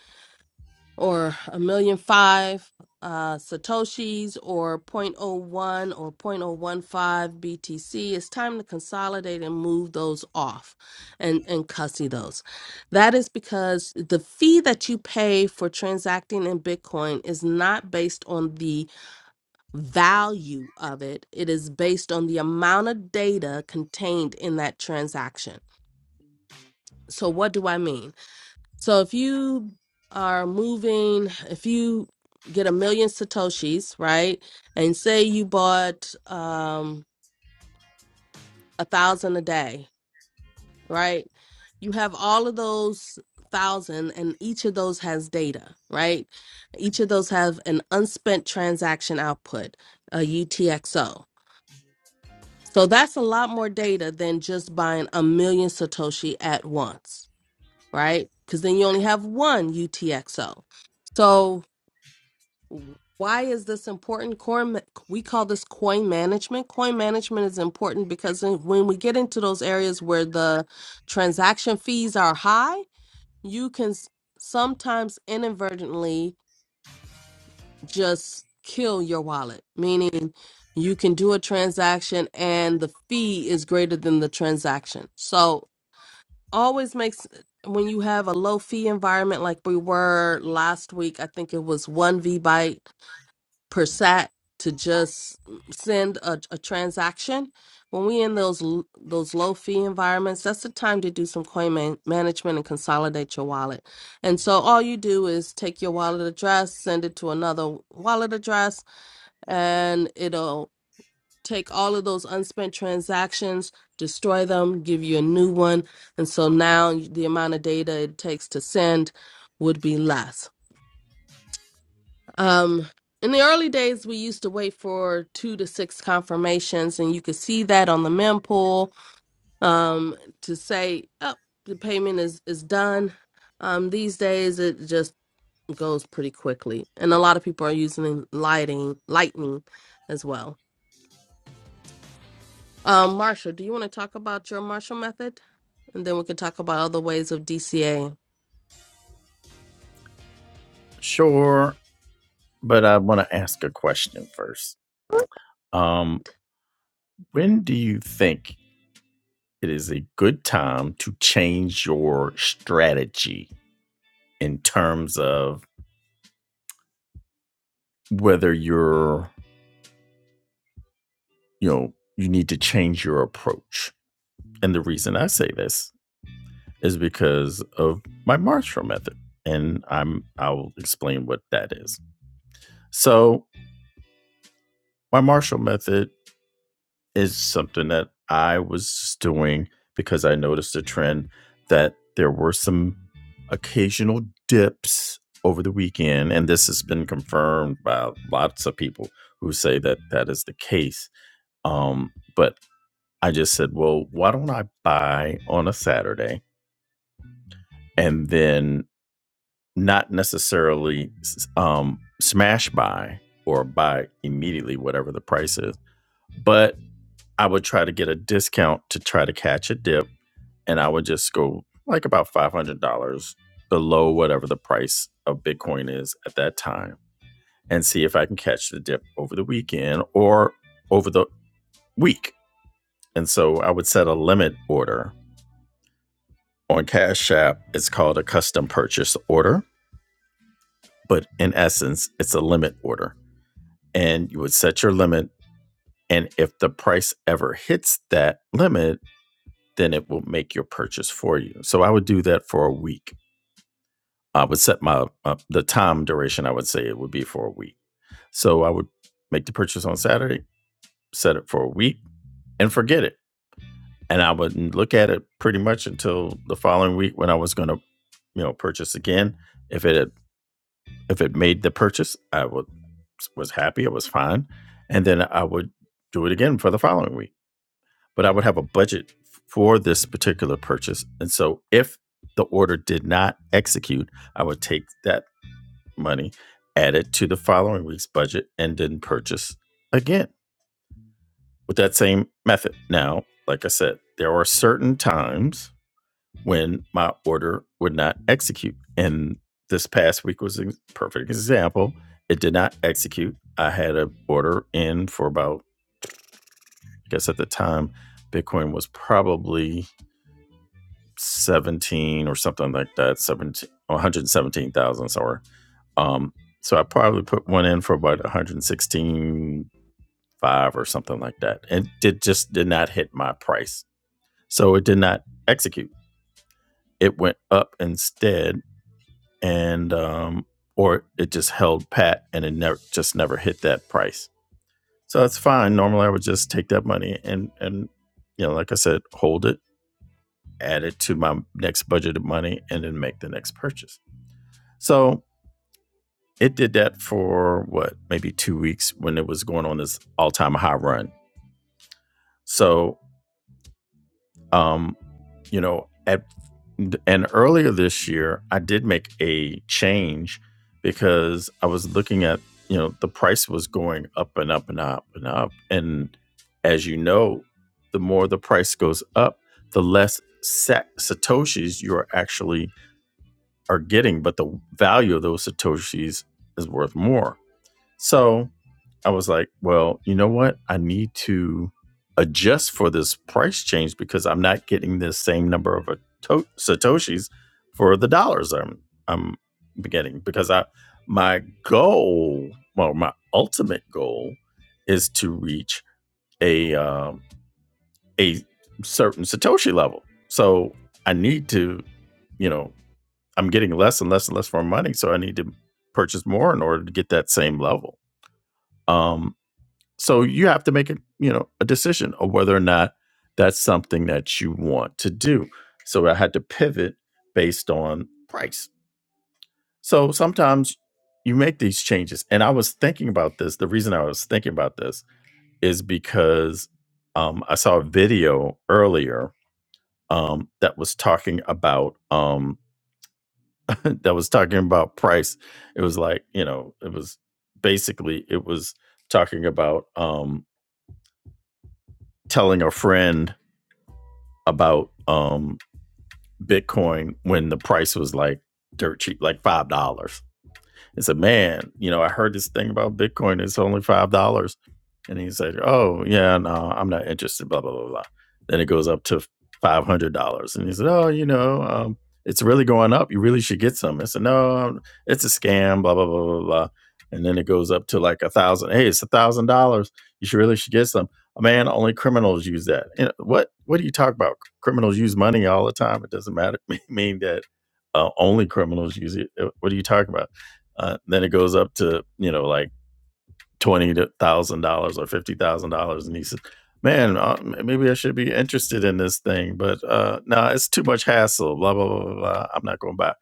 S2: or a million five uh, satoshis or zero point zero 0.01 or 0.015 BTC, it's time to consolidate and move those off and, and cussy those. That is because the fee that you pay for transacting in Bitcoin is not based on the value of it, it is based on the amount of data contained in that transaction. So, what do I mean? So if you are moving, if you get a million satoshis, right, and say you bought um a thousand a day, right, you have all of those thousand, and each of those has data, right? Each of those have an unspent transaction output, a UTXO. So that's a lot more data than just buying a million satoshi at once, right? Because then you only have one UTXO. So Why is this important? Coin, ma- we call this coin management. Coin management is important because when when we get into those areas where the transaction fees are high, you can s- sometimes inadvertently just kill your wallet, meaning you can do a transaction and the fee is greater than the transaction. So, always makes when you have a low fee environment like we were last week, I think it was 1 V byte per sat to just send a, a transaction when we in those l- those low fee environments that's the time to do some coin man- management and consolidate your wallet and so all you do is take your wallet address send it to another wallet address and it'll take all of those unspent transactions destroy them give you a new one and so now the amount of data it takes to send would be less um, in the early days, we used to wait for two to six confirmations, and you could see that on the mempool um, to say, oh, the payment is, is done. Um, these days, it just goes pretty quickly, and a lot of people are using lighting, lightning as well. Um, Marsha, do you want to talk about your Marshall method? And then we can talk about other ways of DCA.
S1: Sure, but I want to ask a question first. Um, when do you think it is a good time to change your strategy in terms of whether you're, you know, you need to change your approach? And the reason I say this is because of my Marshall method, and I'm I will explain what that is. So, my Marshall method is something that I was just doing because I noticed a trend that there were some occasional dips over the weekend, and this has been confirmed by lots of people who say that that is the case. Um, but I just said, well, why don't I buy on a Saturday and then not necessarily um, smash buy or buy immediately whatever the price is, but I would try to get a discount to try to catch a dip, and I would just go like about five hundred dollars below whatever the price of Bitcoin is at that time, and see if I can catch the dip over the weekend or over the week. And so I would set a limit order on Cash App. It's called a custom purchase order, but in essence, it's a limit order, and you would set your limit. And if the price ever hits that limit, then it will make your purchase for you. So I would do that for a week. I would set my uh, the time duration. I would say it would be for a week. So I would make the purchase on Saturday, set it for a week, and forget it. And I wouldn't look at it pretty much until the following week when I was going to, you know, purchase again. If it had, if it made the purchase, I would was happy. It was fine, and then I would do it again for the following week but I would have a budget for this particular purchase. And so if the order did not execute, I would take that money, add it to the following week's budget, and then purchase again with that same method. Now, like I said, there are certain times when my order would not execute. And this past week was a perfect example. It did not execute. I had an order in for about, I guess at the time, Bitcoin was probably 17 or something like that 17, 117,000, somewhere. um so I probably put one in for about one hundred sixteen five or something like that and it just did not hit my price so it did not execute it went up instead and um or it just held pat and it never just never hit that price so that's fine normally I would just take that money and and you know like I said hold it add it to my next budgeted money and then make the next purchase So it did that for what, maybe two weeks when it was going on this all time high run. So, um, you know, at and earlier this year, I did make a change because I was looking at, you know, the price was going up and up and up and up. And as you know, the more the price goes up, the less sa- satoshis you are actually are getting, but the value of those satoshis is worth more. So I was like, well, you know what? I need to adjust for this price change because I'm not getting the same number of to- satoshis for the dollars I'm I'm getting because I my goal, well, my ultimate goal is to reach a um, a certain satoshi level. So I need to, you know, I'm getting less and less and less for money, so I need to purchase more in order to get that same level. Um, so you have to make a you know a decision of whether or not that's something that you want to do. So I had to pivot based on price. So sometimes you make these changes, and I was thinking about this. The reason I was thinking about this is because um, I saw a video earlier um, that was talking about um, that was talking about price. It was like you know it was basically it was talking about um, telling a friend about um Bitcoin when the price was like dirt cheap, like $5. and said, "Man, you know, I heard this thing about Bitcoin. It's only five dollars." And he said, "Oh yeah, no, I'm not interested." Blah blah blah blah. Then it goes up to five hundred dollars, and he said, "Oh, you know, um, it's really going up. You really should get some." I said, "No, um, it's a scam." Blah blah blah blah blah. And then it goes up to like a thousand. Hey, it's a thousand dollars. You should really should get some. Man, only criminals use that. You know, what What do you talk about? Criminals use money all the time. It doesn't matter. mean that uh, only criminals use it. Uh, What are you talking about? Uh, then it goes up to you know like twenty thousand dollars or fifty thousand dollars, and he says, "Man, uh, maybe I should be interested in this thing, but uh, no, nah, it's too much hassle. Blah blah blah blah. I'm not going to buy." it."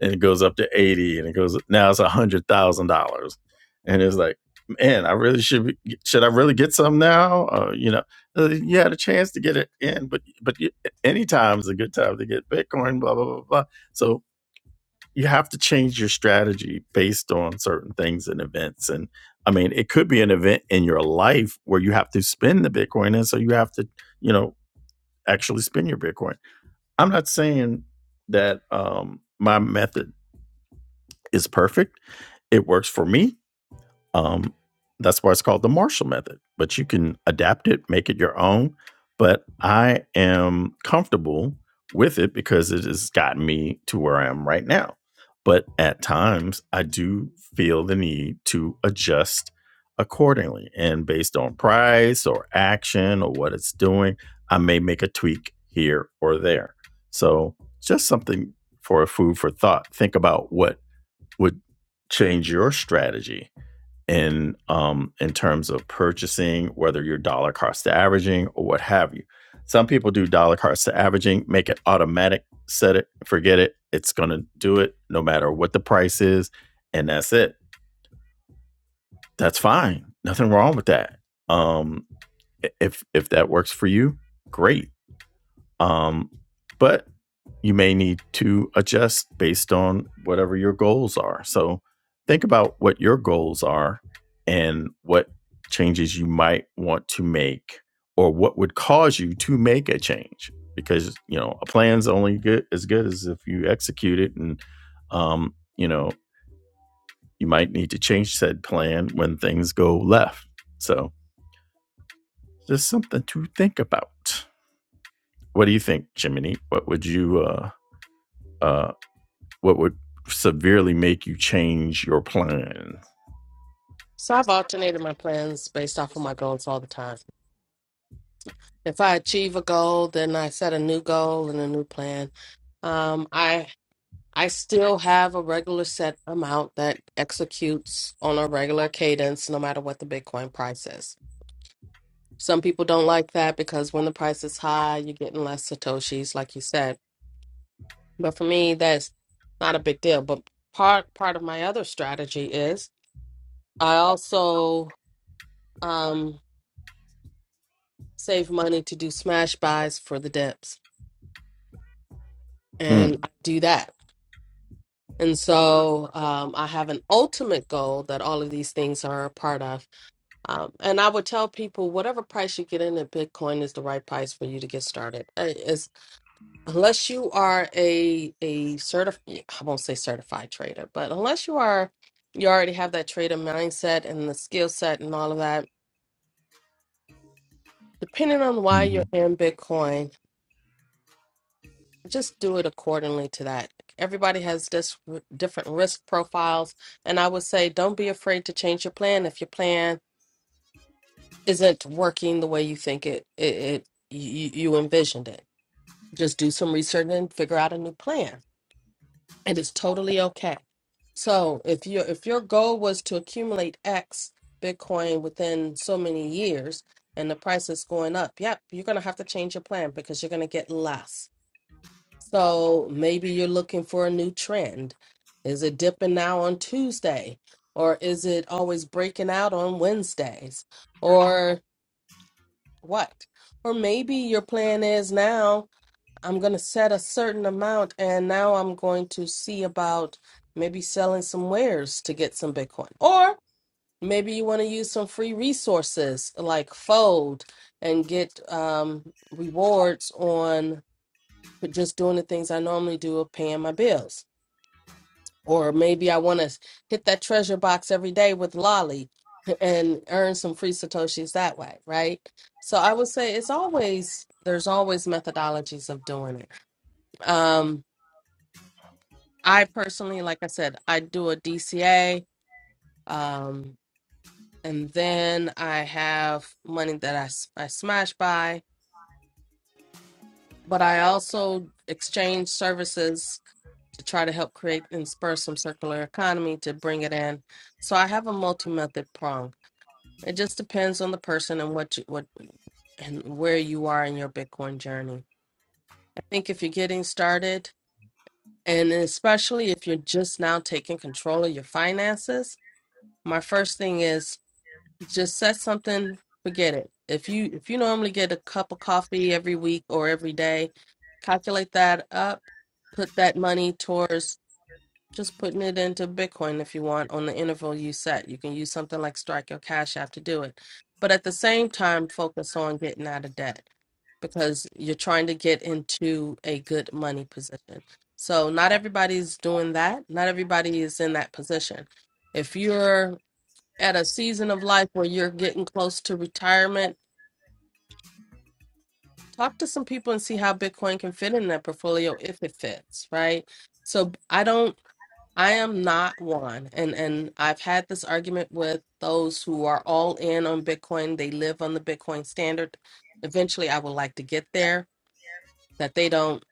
S1: And it goes up to eighty, and it goes now it's a hundred thousand dollars, and it's like, man, I really should be, should I really get some now? Uh, you know, uh, you had a chance to get it in, but but you, any time is a good time to get Bitcoin. Blah blah blah blah. So you have to change your strategy based on certain things and events. And I mean, it could be an event in your life where you have to spend the Bitcoin. And so you have to, you know, actually spend your Bitcoin. I'm not saying that um, my method is perfect, it works for me. Um, that's why it's called the Marshall Method. But you can adapt it, make it your own. But I am comfortable with it because it has gotten me to where I am right now. But at times, I do feel the need to adjust accordingly. And based on price or action or what it's doing, I may make a tweak here or there. So, just something for a food for thought. Think about what would change your strategy in um, in terms of purchasing, whether you're dollar cost averaging or what have you. Some people do dollar cost averaging, make it automatic, set it, forget it. It's going to do it no matter what the price is, and that's it. That's fine. Nothing wrong with that. Um, if if that works for you, great um, but you may need to adjust based on whatever your goals are. So think about what your goals are and what changes you might want to make or what would cause you to make a change because you know a plan's only good as good as if you execute it and um you know you might need to change said plan when things go left so just something to think about what do you think jiminy what would you uh uh what would severely make you change your plan.
S2: So I've alternated my plans based off of my goals all the time. If I achieve a goal, then I set a new goal and a new plan. Um, I I still have a regular set amount that executes on a regular cadence, no matter what the Bitcoin price is. Some people don't like that because when the price is high, you're getting less satoshis, like you said. But for me, that's not a big deal. But part part of my other strategy is I also um, save money to do smash buys for the dips, and
S1: Hmm.
S2: I do that And so um, I have an ultimate goal that all of these things are a part of. Um, and I would tell people whatever price you get in at Bitcoin is the right price for you to get started. Uh, It's, unless you are a a certified, I won't say certified trader, but unless you are you already have that trader mindset and the skill set and all of that, depending on why you're
S1: Mhm.
S2: in Bitcoin just do it accordingly to that. Everybody has this r- different risk profiles, and I would say don't be afraid to change your plan if your plan isn't working the way you think it it, it you, you envisioned it. Just do some research and figure out a new plan, and it's totally okay. So if your if your goal was to accumulate X Bitcoin within so many years, and the price is going up, yep, you're gonna have to change your plan because you're gonna get less So maybe you're looking for a new trend. Is it dipping now on Tuesday? Or is it always breaking out on Wednesdays? Or what? Or maybe your plan is now I'm going to set a certain amount and now I'm going to see about maybe selling some wares to get some Bitcoin. Or maybe you want to use some free resources like Fold and get um, rewards on to just doing the things I normally do of paying my bills. Or maybe I want to hit that treasure box every day with Lolly and earn some free Satoshis that way, right? So I would say it's always, there's always methodologies of doing it. Um, I personally, like I said, I do a DCA. Um, and then I have money that I, s- I smash by, but I also exchange services to try to help create and spur some circular economy to bring it in. So I have a multi-method prong. It just depends on the person and what you, what and where you are in your Bitcoin journey. I think if you're getting started, and especially if you're just now taking control of your finances, my first thing is just set something, forget it. If you if you normally get a cup of coffee every week or every day, calculate that up, put that money towards Just putting it into Bitcoin if you want on the interval you set. You can use something like Strike or Cash App to do it. But at the same time, focus on getting out of debt because you're trying to get into a good money position. So, not everybody's doing that. Not everybody is in that position. If you're at a season of life where you're getting close to retirement, talk to some people and see how Bitcoin can fit in that portfolio if it fits, right? So, I don't. I am not one. And and I've had this argument with those who are all in on Bitcoin. They live on the Bitcoin standard. Eventually I would like to get there, that they don't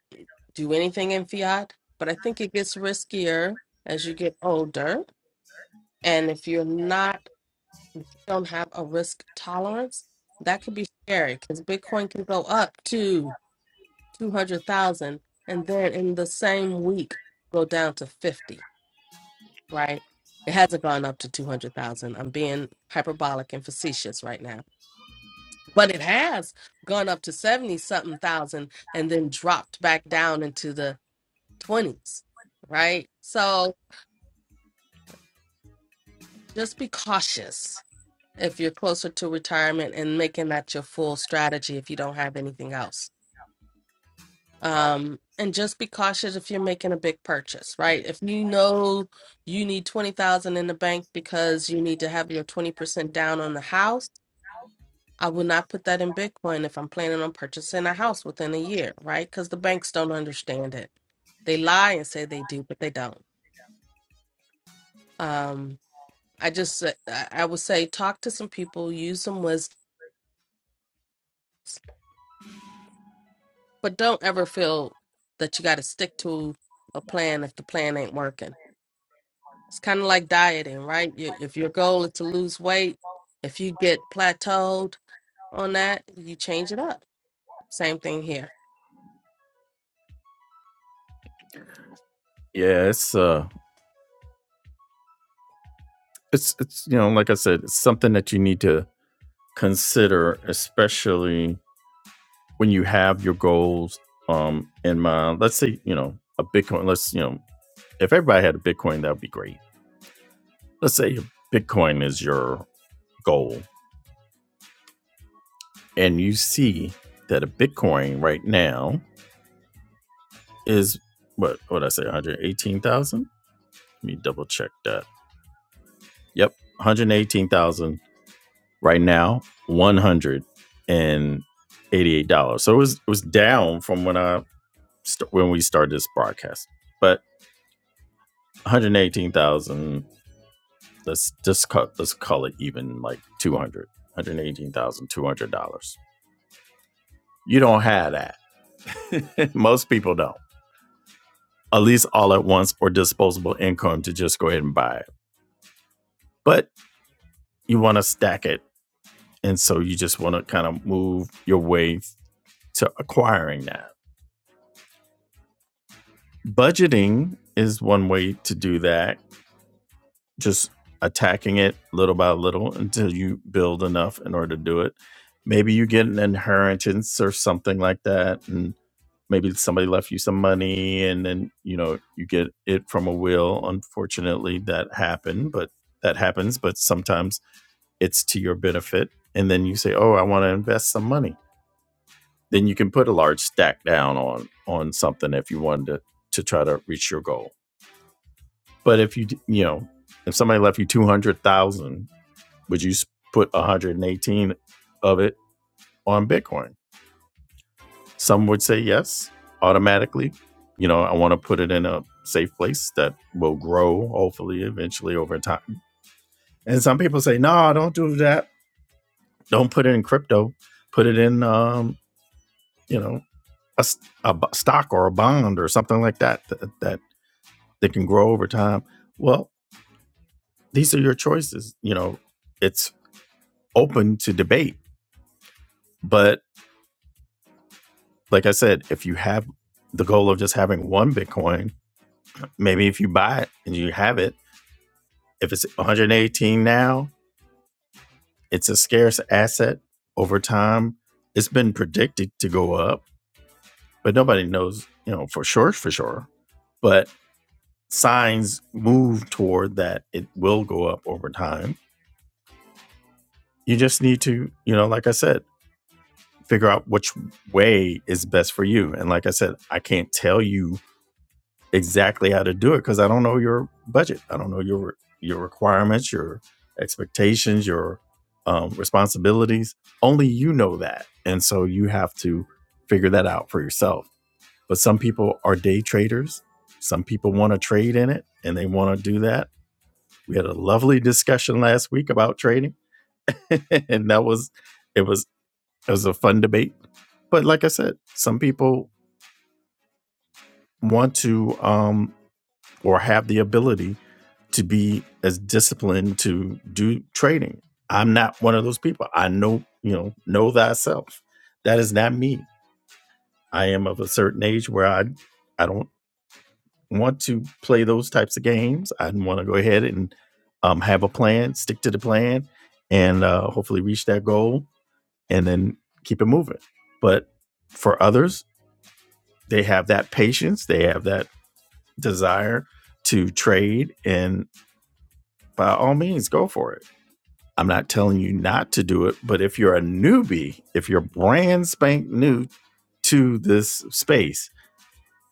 S2: do anything in fiat. But I think it gets riskier as you get older. And if you're not don't have a risk tolerance, that could be scary because Bitcoin can go up to two hundred thousand and then in the same week go down to fifty right? It hasn't gone up to 200,000. I'm being hyperbolic and facetious right now. But it has gone up to 70 something thousand and then dropped back down into the 20s, right? So just be cautious if you're closer to retirement and making that your full strategy if you don't have anything else. Um, and just be cautious if you're making a big purchase, right? If you know you need 20,000 in the bank because you need to have your 20% down on the house I would not put that in Bitcoin if I'm planning on purchasing a house within a year, right? Because the banks don't understand it. They lie and say they do, but they don't. Um, I just, I I would say, talk to some people, use some wisdom, but don't ever feel that you got to stick to a plan if the plan ain't working. It's kind of like dieting, right? You- If your goal is to lose weight, if you get plateaued on that, you change it up. Same thing here.
S1: Yeah, it's uh, it's it's you know, like I said, it's something that you need to consider, especially when you have your goals um in mind. Let's say you know a Bitcoin. Let's you know if everybody had a Bitcoin, that would be great. Let's say Bitcoin is your goal, and you see that a Bitcoin right now is what what I say, one hundred eighteen thousand. Let me double check that. Yep, one hundred eighteen thousand dollars right now, one hundred and eighty-eight dollars. So it was it was down from when I st- when we started this broadcast, but one hundred eighteen thousand. dollars, Let's just cut. Let's call it even like two hundred. dollars, One hundred eighteen thousand two hundred dollars. You don't have that. Most people don't. At least all at once or disposable income to just go ahead and buy it. But you want to stack it, and so you just want to kind of move your way To acquiring that. Budgeting is one way to do that, just attacking it little by little until you build enough in order to do it. Maybe you get an inheritance or something like that. And maybe somebody left you some money and then, you know, you get it from a will. Unfortunately, that happened, but that happens. But sometimes it's to your benefit. And then you say, oh, I want to invest some money then you can put a large stack down on on something if you wanted to to try to reach your goal. But if you you know if somebody left you two hundred thousand, would you put one hundred and eighteen of it on Bitcoin? Some would say yes automatically. You know, I want to put it in a safe place that will grow hopefully eventually over time. And some people say, no, nah, don't do that. Don't put it in crypto. Put it in um, you know a a stock or a bond or something like that that, that that can grow over time. Well, these are your choices. You know, it's open to debate. But like I said, if you have the goal of just having one Bitcoin, maybe if you buy it and you have it, if it's 118 now, it's a scarce asset over time. It's been predicted to go up, but nobody knows, you know, for sure, for sure. But signs move toward that it will go up over time. You just need to, you know, like I said, figure out which way is best for you. And like I said, I can't tell you exactly how to do it because I don't know your budget. I don't know your your requirements, your expectations, your um, responsibilities. Only you know that, and so you have to figure that out for yourself. But some people are day traders. Some people want to trade in it, and they want to do that. We had a lovely discussion last week about trading, and that was it was it was a fun debate. But like I said, some people want to um, or have the ability to be as disciplined to do trading. I'm not one of those people. I know, you know, know thyself. That is not me. I am of a certain age where I I don't want to play those types of games. I want to go ahead and um, have a plan, stick to the plan, and uh, hopefully reach that goal and then keep it moving. But for others, they have that patience, they have that desire to trade, and by all means, go for it. I'm not telling you not to do it, but if you're a newbie, if you're brand spank new to this space,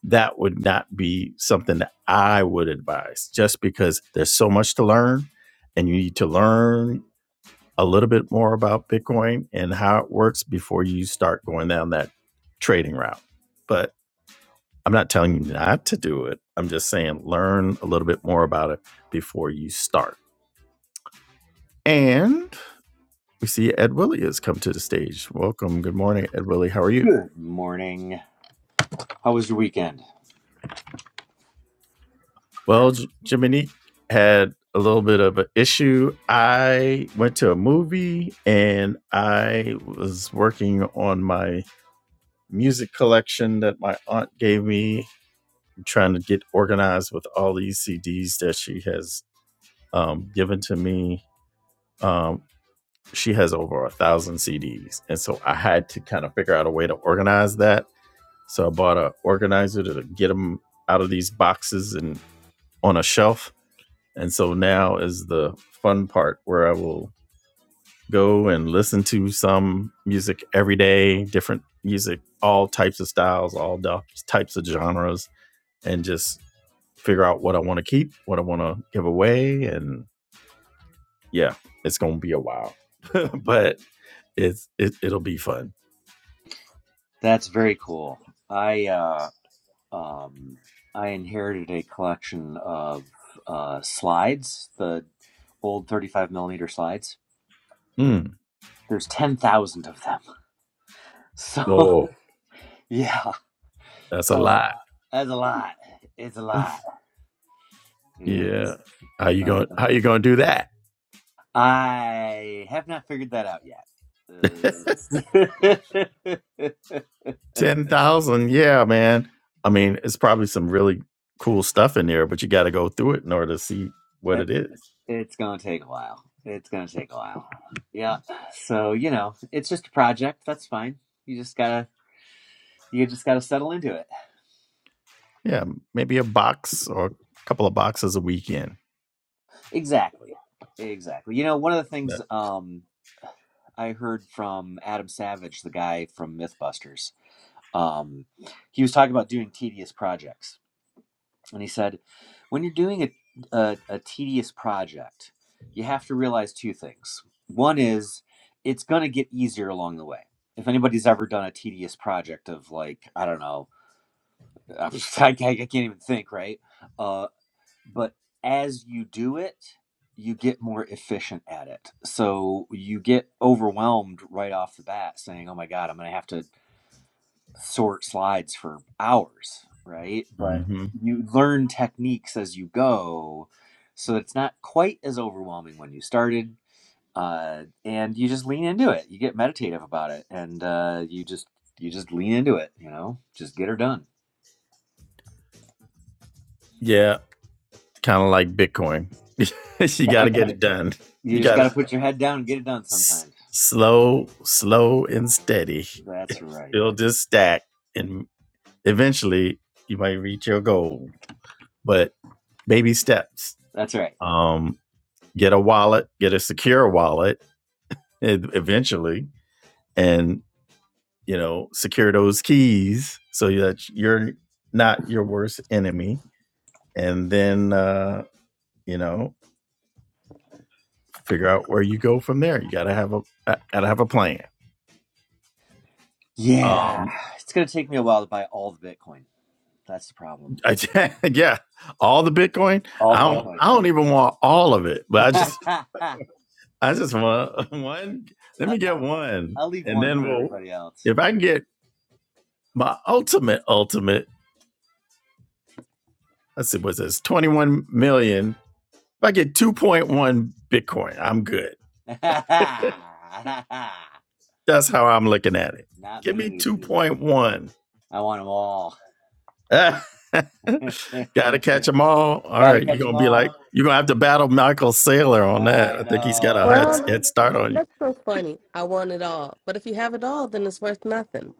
S1: that would not be something that I would advise just because there's so much to learn and you need to learn a little bit more about Bitcoin and how it works before you start going down that trading route. But I'm not telling you not to do it. I'm just saying learn a little bit more about it before you start. And we see Ed Willie has come to the stage. Welcome. Good morning, Ed Willie. How are you?
S3: Good morning. How was your weekend?
S1: Well, J- Jiminy had a little bit of an issue. I went to a movie and I was working on my music collection that my aunt gave me. I'm trying to get organized with all these CDs that she has um, given to me. Um, she has over a thousand CDs. And so I had to kind of figure out a way to organize that. So I bought an organizer to get them out of these boxes and on a shelf. And so now is the fun part where I will go and listen to some music every day, different music, all types of styles, all types of genres, and just figure out what I want to keep, what I want to give away. And yeah, it's going to be a while. but it's it, it'll be fun.
S3: That's very cool. I uh, um, I inherited a collection of uh, slides, the old 35 millimeter slides.
S1: Mm.
S3: There's 10,000 of them. So
S1: Oh,
S3: yeah,
S1: that's a
S3: so uh,
S1: lot.
S3: that's a lot. It's a lot. It
S1: Yeah.
S3: is.
S1: How you
S3: Uh,
S1: going? How you going to do that?
S3: I have not figured that out yet.
S1: Ten thousand? Yeah, man. I mean, it's probably some really cool stuff in there, but you got to go through it in order to see what
S3: Uh,
S1: it is.
S3: It's gonna take a while. It's gonna take a while. Yeah. So you know, it's just a project. That's fine. You just gotta you just gotta settle into it.
S1: Yeah, m- maybe a box or a couple of boxes a weekend.
S3: Exactly. Exactly. You know, one of the things
S1: That-
S3: um I heard from Adam Savage, the guy from MythBusters, um, he was talking about doing tedious projects And he said, when you're doing a, a, a tedious project, you have to realize two things. One is it's going to get easier along the way. If anybody's ever done a tedious project of like, I don't know, I, I can't even think, right? Uh, but as you do it, you get more efficient at it. So you get overwhelmed right off the bat saying, oh my God, I'm going to have to sort slides for hours, right? But
S1: Mhm.
S3: you learn techniques as you go, so it's not quite as overwhelming when you started. Uh, and you just lean into it. You get meditative about it, and uh, you just you just lean into it. You know, just get her done.
S1: Yeah, kind of like Bitcoin. you got to
S3: I,
S1: get it done.
S3: you
S1: You
S3: just
S1: got
S3: got to
S1: to
S3: put your head down and get it done.
S1: s-
S3: Sometimes.
S1: slow, slow and steady.
S3: That's right.
S1: Build this stack, and eventually you might reach your goal. But baby steps.
S3: That's right.
S1: Um, get a wallet. Get a secure wallet. e- Eventually, and you know, secure those keys so that you're not your worst enemy. And then, uh, you know, figure out where you go from there. You got to have a gotta have a plan.
S3: Yeah,
S1: Um,
S3: it's gonna take me a while to buy all the Bitcoin. That's the problem.
S1: I, yeah, all the Bitcoin. I
S3: All the
S1: don't.
S3: Bitcoin.
S1: I don't even want all of it, but I just, I just want one. Let me get one,
S3: I'll leave
S1: and
S3: one
S1: then
S3: for
S1: we'll.
S3: everybody else.
S1: If I can get my ultimate, ultimate. Let's see, what's this? Twenty-one million. If I get two point one Bitcoin, I'm good.
S3: Not
S1: That's how I'm looking at it. Give me
S3: me.
S1: two point one.
S3: I want them all.
S1: Gotta catch them all. All
S3: Gotta
S1: right, you're
S3: catch
S1: gonna
S3: them
S1: be
S3: all.
S1: like, you're gonna have to battle Michael Saylor on that.
S3: I
S1: I think he's got a
S3: know.
S1: head head start on you.
S2: That's so funny. I want it all. But if you have it all, then it's worth nothing.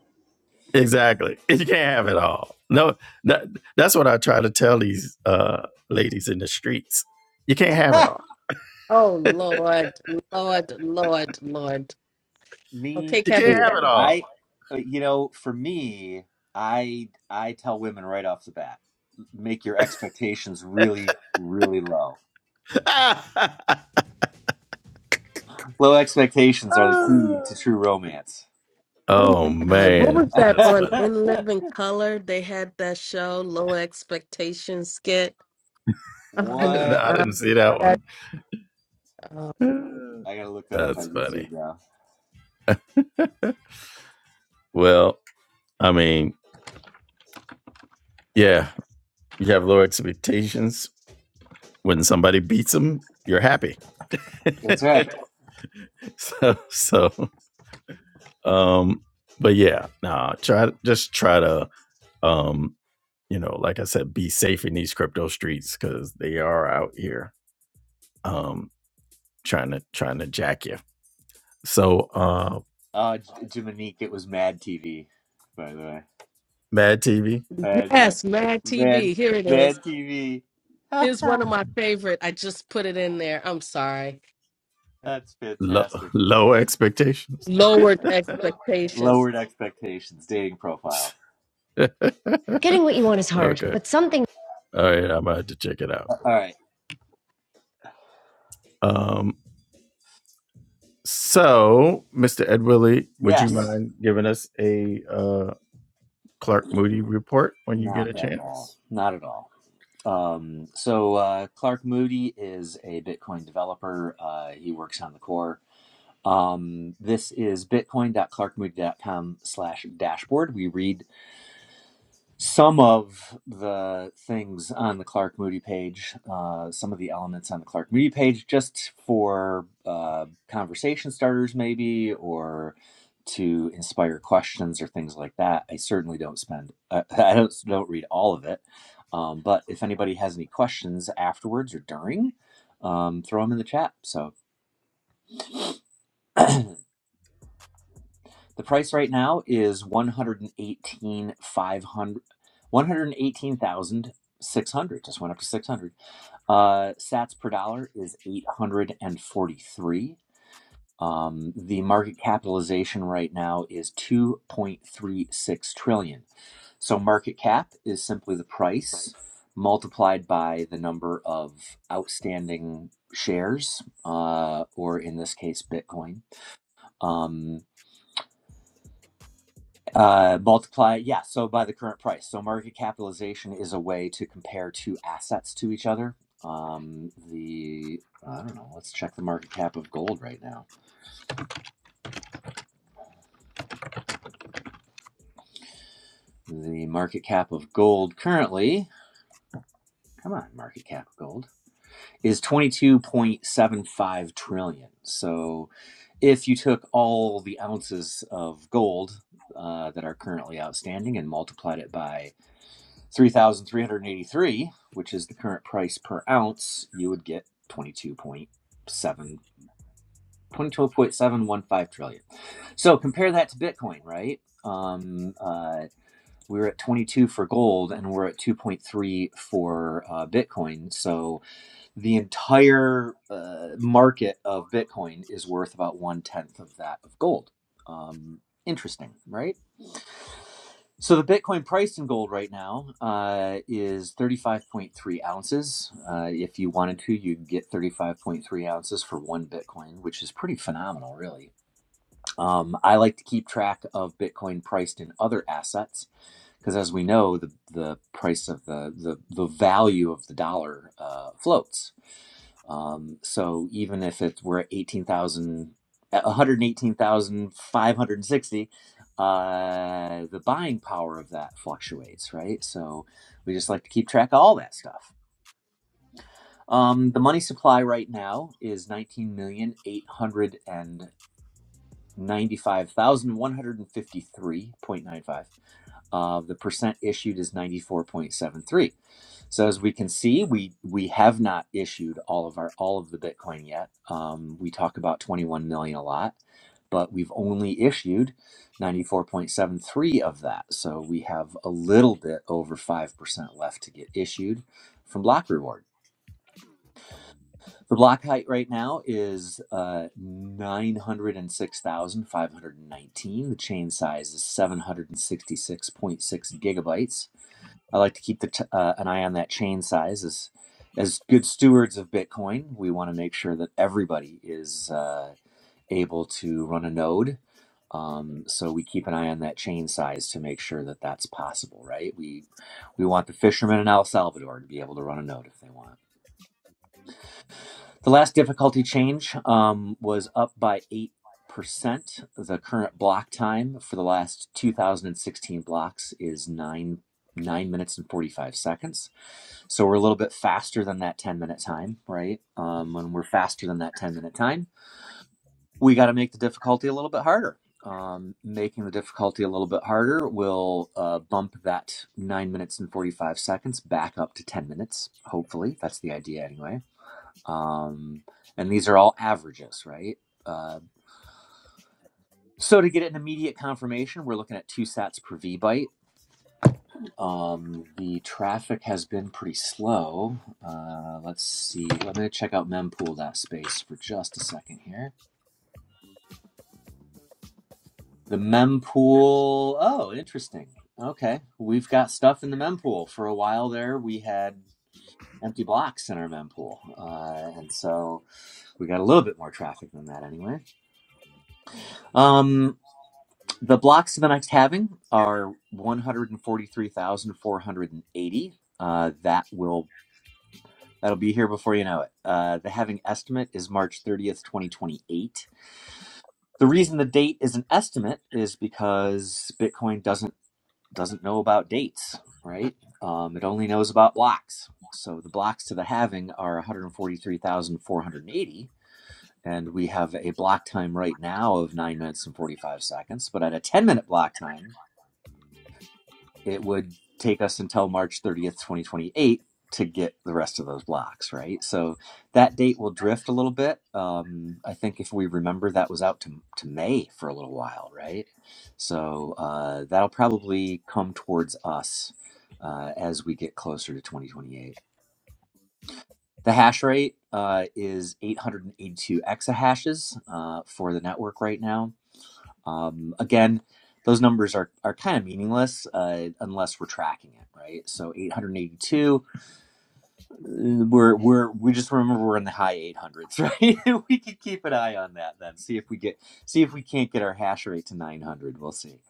S1: Exactly. You can't have it all. No, that, that's what I try to tell these uh, ladies in the streets. You can't have it all.
S2: Oh, Lord, Lord, Lord, Lord. Okay,
S3: me
S1: You
S2: Kevin
S1: can't
S3: too.
S2: said,
S1: have it all.
S3: I, uh, you know, for me, I I tell women right off the bat, make your expectations really, really low. Low expectations are the key to true romance.
S2: oh
S1: oh
S2: my God, what
S1: man,
S2: was that
S1: that's
S2: on
S1: funny.
S2: In Living Color? They had that show, Low Expectations skit. Oh my
S1: no,
S3: what?
S1: I
S2: God.
S1: didn't see that
S2: That,
S1: one.
S2: oh.
S3: I gotta look that up
S1: That's
S3: on YouTube
S1: funny.
S3: now.
S1: Well, I mean, yeah, you have low expectations. When somebody beats them, you're happy.
S3: That's right.
S1: so, so, um, but yeah, no, nah. Try just try to um you know, like I said, be safe in these crypto streets because they are out here um, trying to trying to jack you. So, uh,
S3: Uh, J- Jiminique, it was Mad TV, by the way.
S1: Mad TV,
S3: Mad, Mad,
S2: Yes, Mad
S3: Mad,
S2: TV. Here it
S3: Mad
S2: is.
S3: TV.
S2: Here's one
S3: That's
S2: of my favorite. I just put it in there. I'm sorry.
S1: low,
S3: fantastic.
S1: low expectations.
S3: That's right.
S2: Lowered expectations.
S3: Lowered expectations, dating profile.
S1: Getting what you want is hard, okay, but something all right, I'm gonna have to check it out.
S3: All right.
S1: Um, so, Mr. Ed Willie, would you
S3: Yes.
S1: mind giving us a uh, Clark Moody report when you get
S3: Not
S1: a
S3: at all.
S1: chance?
S3: Not at all. Um, so uh, Clark Moody is a Bitcoin developer. Uh, he works on the core. Um, this is bitcoin. dot clark moody dot Com slash dashboard. We read some of the things on the Clark Moody page, uh, some of the elements on the Clark Moody page, just for uh, conversation starters, maybe, or to inspire questions or things like that. I certainly don't spend, uh, I don't don't read all of it, um, but if anybody has any questions afterwards or during, um, throw them in the chat. So The price right now is one hundred and eighteen five hundred, one hundred eighteen thousand six hundred. Just went up to six hundred. Uh, Sats per dollar is eight hundred and forty three. Um, the market capitalization right now is two point three six trillion. So market cap is simply the price multiplied by the number of outstanding shares, uh, or in this case, Bitcoin. Um, Uh, multiply, yeah, so by the current price. So market capitalization is a way to compare two assets to each other. Um, the, I don't know, let's check the market cap of gold right now. The market cap of gold currently, come on, market cap of gold, is 22.75 trillion. So if you took all the ounces of gold uh, that are currently outstanding and multiplied it by 3,383, which is the current price per ounce, you would get twenty-two point seven, twenty-two point seven one five trillion. So compare that to Bitcoin, right? Um, uh, we were at 22 for gold and we're at 2.3 for uh, Bitcoin. So the entire uh, market of Bitcoin is worth about one tenth of that of gold. Um, interesting, right? So the Bitcoin price in gold right now uh, is 35.3 ounces. Uh, if you wanted to, you could get 35.3 ounces for one Bitcoin, which is pretty phenomenal, really. Um, I like to keep track of Bitcoin priced in other assets because, as we know, the the price of the the, the value of the dollar uh, floats. Um, so even if it were 18,000, 118,560, uh, the buying power of that fluctuates, right? So we just like to keep track of all that stuff. Um, the money supply right now is nineteen million eight hundred and. 95,153.95. Uh, the percent issued is 94.73. So as we can see, we we have not issued all of our all of the Bitcoin yet. Um, we talk about 21 million a lot, but we've only issued 94.73 of that. So we have a little bit over 5% left to get issued from Block Reward. The block height right now is uh, 906,519. The chain size is 766.6 gigabytes. I like to keep the t- uh, an eye on that chain size as as good stewards of Bitcoin. We want to make sure that everybody is uh, able to run a node. Um, so we keep an eye on that chain size to make sure that that's possible, right? We we want the fishermen in El Salvador to be able to run a node if they want. The last difficulty change um, was up by 8%. The current block time for the last 2016 blocks is 9 9 minutes and 45 seconds. So we're a little bit faster than that 10 minute time, right? Um, when we're faster than that 10 minute time, we got to make the difficulty a little bit harder. Um, making the difficulty a little bit harder will uh, bump that 9 minutes and 45 seconds back up to 10 minutes, hopefully. That's the idea, anyway. Um, and these are all averages, right? Uh, so to get an immediate confirmation, we're looking at two sats per V byte. Um, the traffic has been pretty slow. Uh, let's see. I'm going to check out mempool.space for just a second here. The mempool. Oh, interesting. Okay. We've got stuff in the mempool. For a while there, we had empty blocks in our mempool. Uh, and so we got a little bit more traffic than that anyway. Um, The blocks of the next halving are 143,480. Uh, that will that'll be here before you know it. Uh, the halving estimate is March 30th, 2028. The reason the date is an estimate is because Bitcoin doesn't doesn't know about dates, right? Um, it only knows about blocks. So the blocks to the halving are 143,480. And forty-three thousand four hundred and eighty. And we have a block time right now of nine minutes and 45 seconds, but at a 10 minute block time, it would take us until March 30th, 2028 to get the rest of those blocks, right? So that date will drift a little bit. Um, I think if we remember, that was out to, to May for a little while, right? So uh, that'll probably come towards us uh, as we get closer to 2028. The hash rate uh, is 882 exahashes uh, for the network right now um, again, those numbers are, are kind of meaningless uh, unless we're tracking it, right? So 882, uh, we're we're we just remember we're in the high 800s, right? we could keep an eye on that then. See if we get see if we can't get our hash rate to 900. We'll see.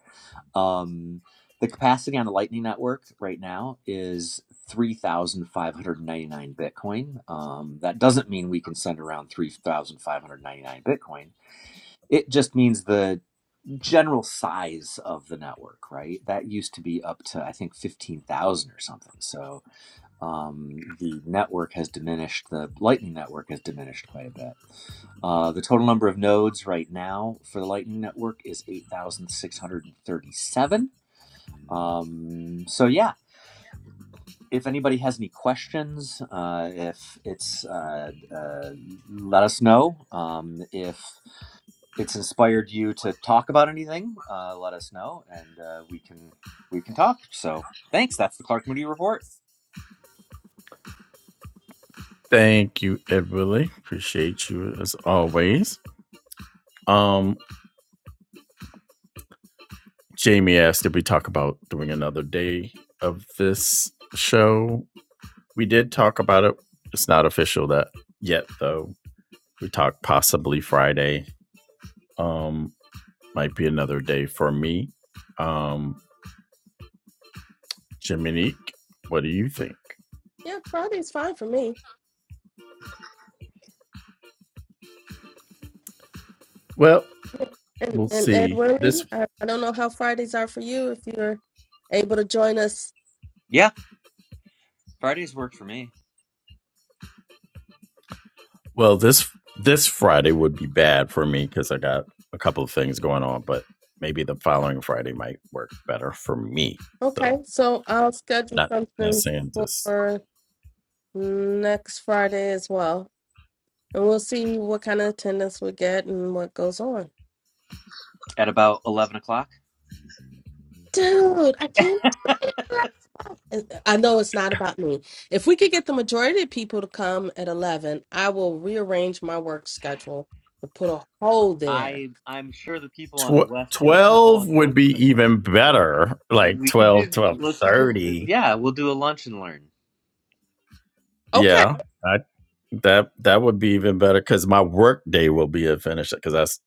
S3: Um, the capacity on the Lightning Network right now is 3,599 Bitcoin. Um, that doesn't mean we can send around 3,599 Bitcoin it just means the general size of the network, right? That used to be up to I think fifteen thousand or something. So um, the network has diminished. The Lightning network has diminished quite a bit. Uh, the total number of nodes right now for the Lightning network is eight thousand six hundred and thirty-seven. Um, so yeah. If anybody has any questions, uh, if it's, uh, uh, let us know. Um, if it's inspired you to talk about anything, uh, let us know, and uh, we can we can talk. So thanks. That's the Clark Moody report.
S1: Thank you, Ed Willie. Appreciate you as always. Um, Jamie asked, did we talk about doing another day of this show? We did talk about it. It's not official that yet though. We talked possibly Friday. Um, might be another day for me. Um, Jiminique, what do you think?
S2: Yeah, Friday's fine for me.
S1: Well,
S2: And,
S1: we'll
S2: and Ed
S1: see.
S2: Willie,
S1: This
S2: I, I don't know how Fridays are for you if you're able to join us.
S3: Yeah, Fridays work for me
S1: well, this this Friday would be bad for me because I got a couple of things going on, but maybe the following Friday might work better for me. So
S2: Okay, so I'll schedule
S1: not not
S2: something
S1: saying this
S2: for next Friday as well. And we'll see what kind of attendance we get and what goes on.
S3: at about eleven o'clock.
S2: Dude, I can't. do it. And I know it's not about me. If we could get the majority of people to come at 11, I will rearrange my work schedule to put a hole there.
S3: I I'm sure the people on the
S1: Tw-
S3: West Coast
S1: 12 would
S3: appreciate it.
S1: be even better. Like
S3: We could
S1: 12,
S3: do
S1: 12
S3: let's
S1: 30.
S3: yeah we'll do a lunch and learn.
S2: Okay.
S1: Yeah. I, that that would be even better because my work day will be a finish because that's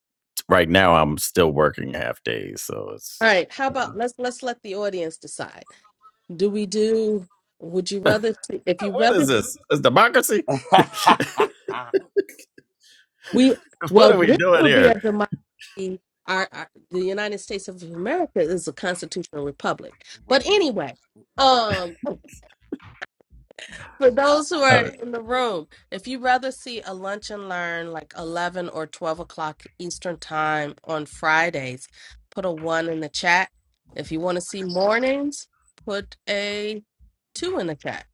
S1: right now I'm still working half days. So
S2: All
S1: it's
S2: right. How about let's let's let the audience decide. do we do would you rather see if you
S1: what is
S2: rather
S1: this? Is democracy?
S2: we
S1: What
S2: well
S1: are we
S2: this
S1: doing
S2: would be
S1: here?
S2: a democracy our, our the united states of america is a constitutional republic
S3: right
S2: but anyway um for those who are
S1: Oh,
S2: in the room if you rather see a lunch and learn like 11 or 12 o'clock eastern time on fridays put a one in the chat if you want to see mornings put a two in the chat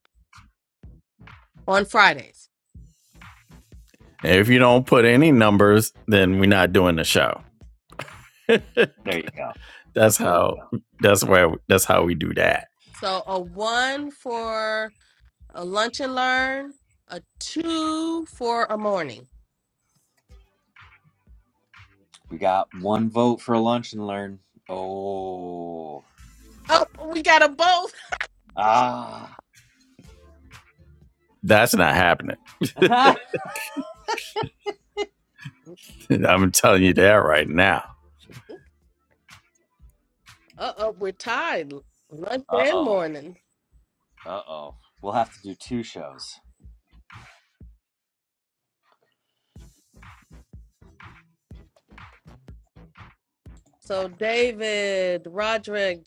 S2: on fridays
S1: If you don't put any numbers, then we're not doing the show.
S3: there you go.
S1: That's how. That's where. That's how we do that.
S2: so a one for a lunch and learn, a two for a morning.
S3: We got one vote for a lunch and learn. Oh
S2: Oh, we got a both.
S3: ah
S1: That's not happening.
S3: uh
S1: I'm telling you that right now.
S2: Uh oh, we're tied. Lunch and
S3: oh
S2: morning.
S3: uh oh. We'll have to do two shows.
S2: So David, Roderick,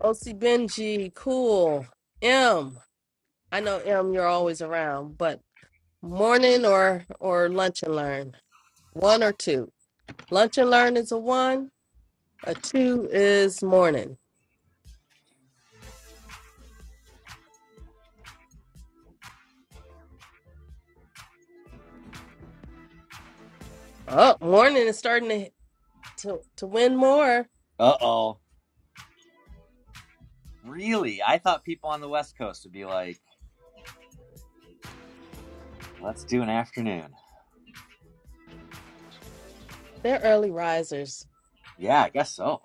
S2: OC Benji, Cool, M. I know M, you're always around, but morning or or lunch and learn. One or two. Lunch and learn is a one. A two is morning. Oh, morning is starting to to, to win more.
S3: Uh oh. Really? I thought people on the West Coast would be like, let's do an afternoon.
S2: They're early risers.
S3: Yeah, I guess so.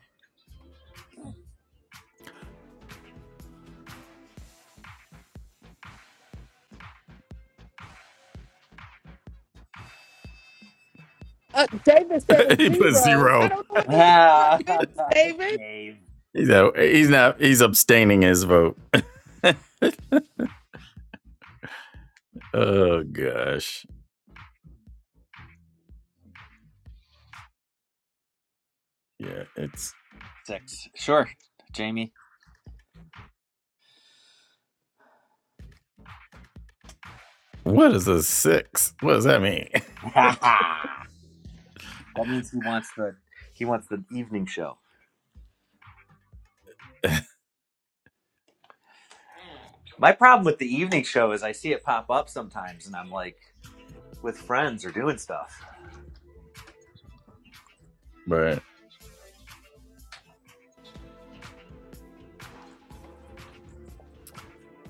S2: Uh, David said a
S1: he put
S2: zero. I
S1: zero.
S2: don't know what the zero
S3: Dave.
S2: is, David.
S1: He's out. He's not. He's abstaining his vote. Oh gosh. Yeah. It's
S3: Six. Sure. Jamie.
S1: what is a six? What does that mean?
S3: that means he wants the he wants the evening show. My problem with the evening show is I see it pop up sometimes and I'm like with friends or doing stuff.
S1: Right.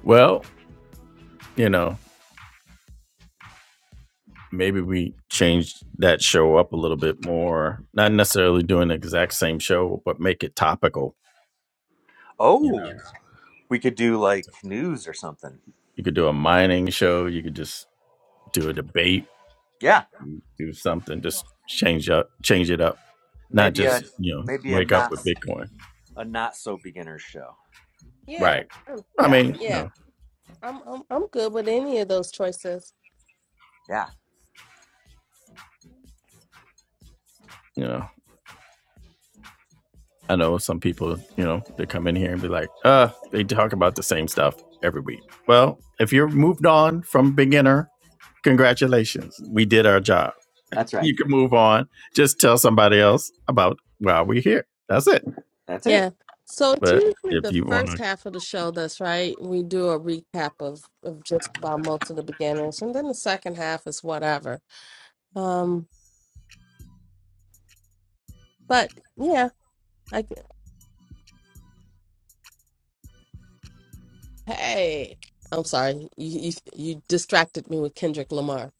S1: Well, you know, maybe we change that show up a little bit more. Not necessarily doing the exact same show, but make it topical. You
S3: Oh,
S1: know,
S3: we could do like news or something.
S1: you could do a mining show. You could just do a debate.
S3: Yeah,
S1: Do something. Just change up. Change it up. Not
S3: maybe a
S1: just you know
S3: maybe a
S1: wake up
S3: not
S1: with Bitcoin.
S3: a not so beginner's show.
S2: Yeah,
S1: Right.
S2: I'm-
S1: I
S3: Yeah.
S1: mean, you
S2: yeah.
S1: know,
S2: I'm I'm I'm good with any of those choices.
S3: Yeah.
S1: you know, I know some people, you know, they come in here and be like, uh, they talk about the same stuff every week. Well, if you're moved on from beginner, congratulations. We did our job.
S3: That's right.
S1: You can move on. Just tell somebody else about why we're here. That's it.
S3: That's it.
S2: Yeah. So it's
S1: But
S2: usually
S1: if
S2: the
S1: you want
S2: first
S1: to,
S2: half of the show that's right. We do a recap of of just about most of the beginners, and then the second half is whatever. Um, but yeah, I g- hey, I'm sorry, you you, you distracted me with Kendrick Lamar.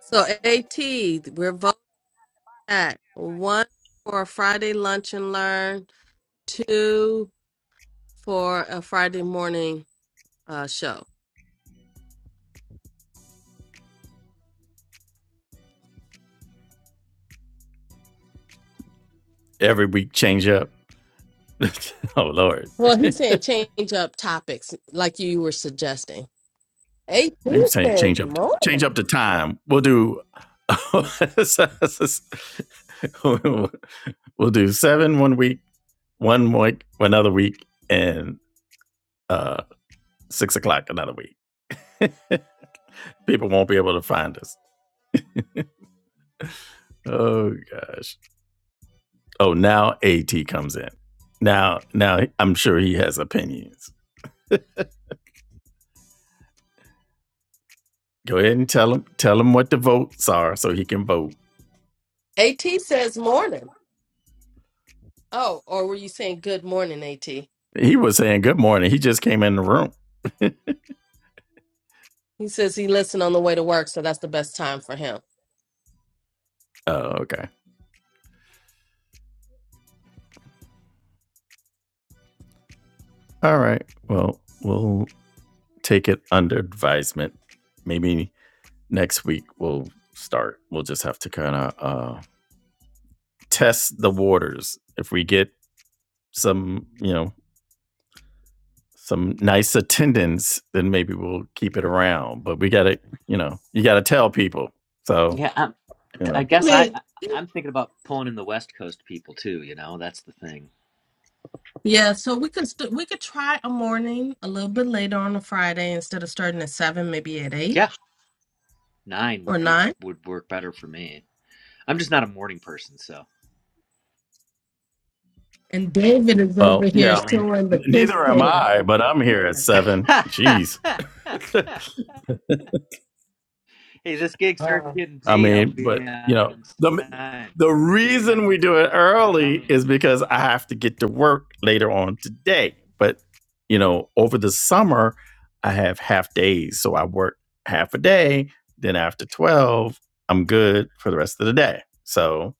S2: So At, we're voting at one for a Friday lunch and learn two for a Friday morning uh, show.
S1: every week change up. oh, Lord.
S2: Well, he's saying change up topics like you were suggesting. AT
S1: Maybe saying
S2: says
S1: change up, change
S2: morning.
S1: up the time. We'll do. we'll do seven one week, one week another week, and uh, six o'clock another week. People won't be able to find us. Oh gosh. Oh, now At comes in. Now, now I'm sure he has opinions. Go ahead and tell him, tell him what the votes are, so he can vote.
S2: AT says morning. Oh, or were you saying good morning, AT? He
S1: He was saying good morning. He just came in the room.
S2: says he listened on the way to work, so that's the best time for him.
S1: Oh, okay. All right. Well, we'll take it under advisement. Maybe next week we'll start. We'll just have to kind of uh, test the waters. If we get some, you know, some nice attendance, then maybe we'll keep it around. But we got to, you know, you got to tell people. So,
S3: Yeah, I'm,
S1: you
S3: I
S1: know,
S3: guess I
S2: Wait.
S3: I'm thinking about pulling in the West Coast people too. You know, that's the thing.
S2: Yeah, so we could st- we could try a morning a little bit later on a Friday instead of starting at seven, maybe at eight
S3: Yeah, nine
S2: or
S3: would be
S2: nine.
S3: would work better for me. I'm just not a morning person, so.
S2: And David is over
S1: well,
S2: here
S1: yeah, I mean,
S2: showing the kiss
S1: neither am
S2: cam.
S1: I, but I'm here at seven.
S3: hey,
S1: Jeez.
S3: this gig starts getting
S1: I
S3: paid. I'll
S1: mean, but
S3: be
S1: you know,
S3: on
S1: the
S3: time.
S1: the reason we do it early is because I have to get to work later on today. But you know, over the summer, I have half days, so I work half a day. Then after twelve, I'm good for the rest of the day. So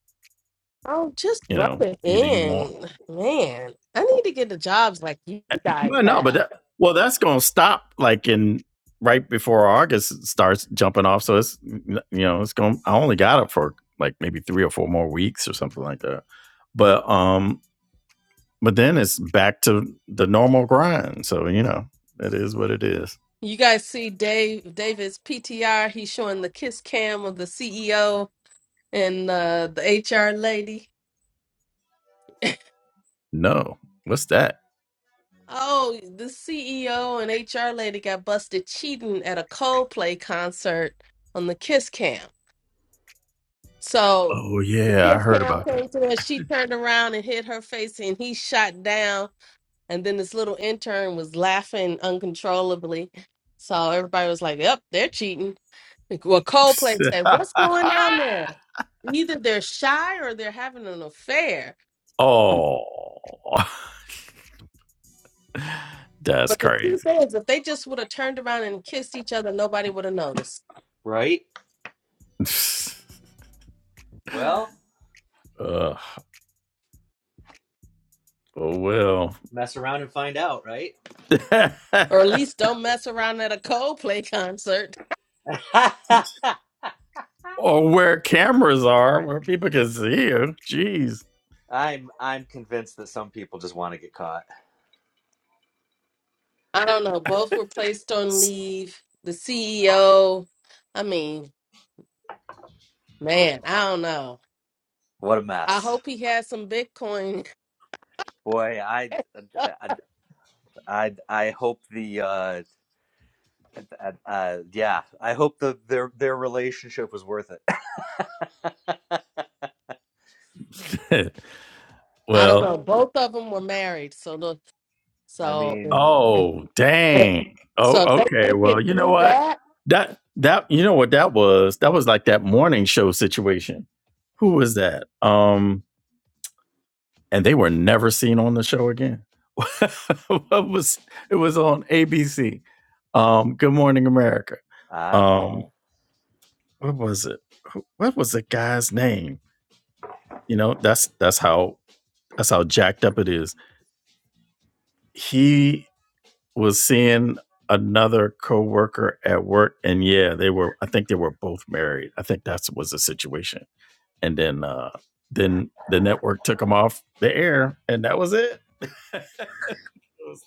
S2: Oh, just
S1: you
S2: rub
S1: know,
S2: it
S1: either you want
S2: in. Man, I need to get the jobs like you guys
S1: Well, no, but
S2: have.
S1: that, well, that's going to stop like in right before August starts jumping off. So it's you know it's going. I only got it for like maybe three or four more weeks or something like that. But um, but then it's back to the normal grind. So you know it is what it is.
S2: You guys see Dave David's PTR, he's showing the kiss cam of the CEO and uh, the HR lady.
S1: No, what's that?
S2: Oh, the CEO and HR lady got busted cheating at a Coldplay concert on the kiss cam. So
S1: Oh
S2: the
S1: yeah, I
S2: kiss
S1: heard
S2: cam
S1: about that.
S2: came to her, she turned around and hit her face and he shot down And then this little intern was laughing uncontrollably. So everybody was like, yep, they're cheating. Like, Well, Coldplay said, what's going on there? Either they're shy or they're having an affair.
S1: oh, that's
S2: But the truth
S1: crazy.
S2: is, if they just would have turned around and kissed each other, nobody would have noticed.
S3: Right. Well,
S1: Ugh. oh well.
S3: mess around and find out. Right.
S2: Or at least don't mess around at a Coldplay concert.
S1: or where cameras are, where people can see you. Jeez.
S3: I'm I'm convinced that some people just want to get caught.
S2: I don't know. Both were placed on leave. The CEO, I mean, man, I don't know.
S3: What a
S2: I
S3: mess,
S2: hope he has some Bitcoin
S3: boy! I I I hope the uh, uh, uh yeah I hope the their their relationship was worth it.
S2: I don't know.
S1: well,
S2: Both of them were married, so look,
S3: I
S2: so if,
S3: mean
S2: if,
S1: oh
S2: eh,
S1: dang. Oh,
S2: so if they
S1: okay.
S2: make
S1: Well,
S2: it
S1: you know
S2: through
S1: what?
S2: that,
S1: That that you know what that was? That was like that morning show situation. Who was that? Um, and they were never seen on the show again. what was it was on ABC. Um, Good Morning America.
S3: ah
S1: Um, what was it? What was the guy's name? You know, that's that's how that's how jacked up it is. he was seeing another coworker at work and yeah they were i think they were both married i think that was the situation and then uh then the network took him off the air and that was it it, was,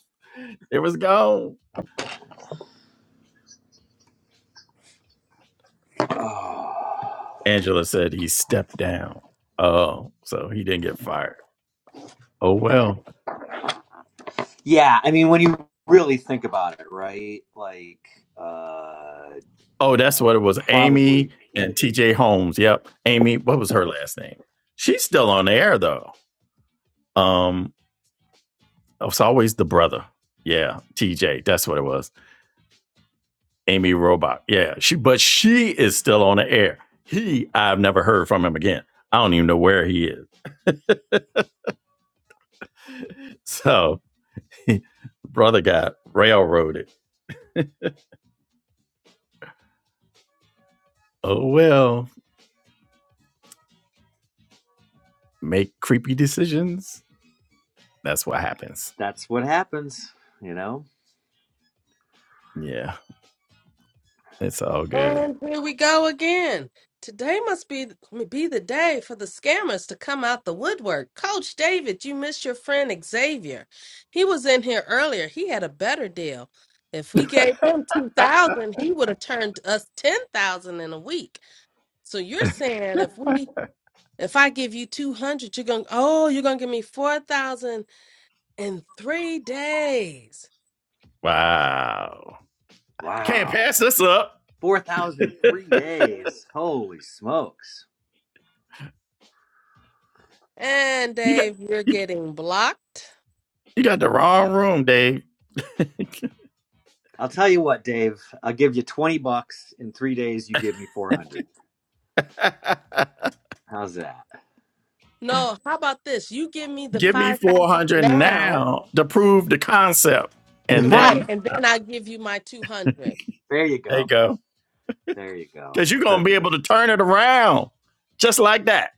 S1: it was gone
S3: Oh.
S1: angela said he stepped down oh so he didn't get fired oh well
S3: yeah I mean when you really think about it right like uh
S1: oh that's what it was amy
S3: probably
S1: and tj holmes yep amy what was her last name she's still on the air though um It was always the brother. Yeah, TJ. That's what it was. Amy Robot. Yeah, she. But she is still on the air. He. I've never heard from him again. I don't even know where he is. So, brother got railroaded. Oh well. Make creepy decisions. That's what happens.
S3: that's what happens you know
S1: Yeah, it's all good.
S2: and here we go again. Today must be be the day for the scammers to come out the woodwork. Coach David, you missed your friend Xavier. He was in here earlier. He had a better deal. If we gave him two thousand, he would have turned us ten thousand in a week. So you're saying if we if I give you two hundred, you're gonna oh you're gonna give me four thousand in three days.
S1: Wow. Can't
S3: wow
S1: pass this up.
S3: four thousand three days holy smokes
S2: And
S1: You got
S2: Dave, you're
S1: you,
S2: getting blocked.
S1: you got the wrong room, Dave.
S3: I'll tell you what Dave I'll give you twenty bucks in three days you give me four hundred how's that
S2: No, how about this? You give me the
S1: Give me
S2: five thousand
S1: 400
S2: now,
S1: now to prove the concept. And
S2: right?
S1: then
S2: And then I give you my two hundred.
S3: there you
S1: they
S3: go
S1: go,
S3: There you go.
S1: because you're going to be
S3: Perfect.
S1: able to turn it around just like that.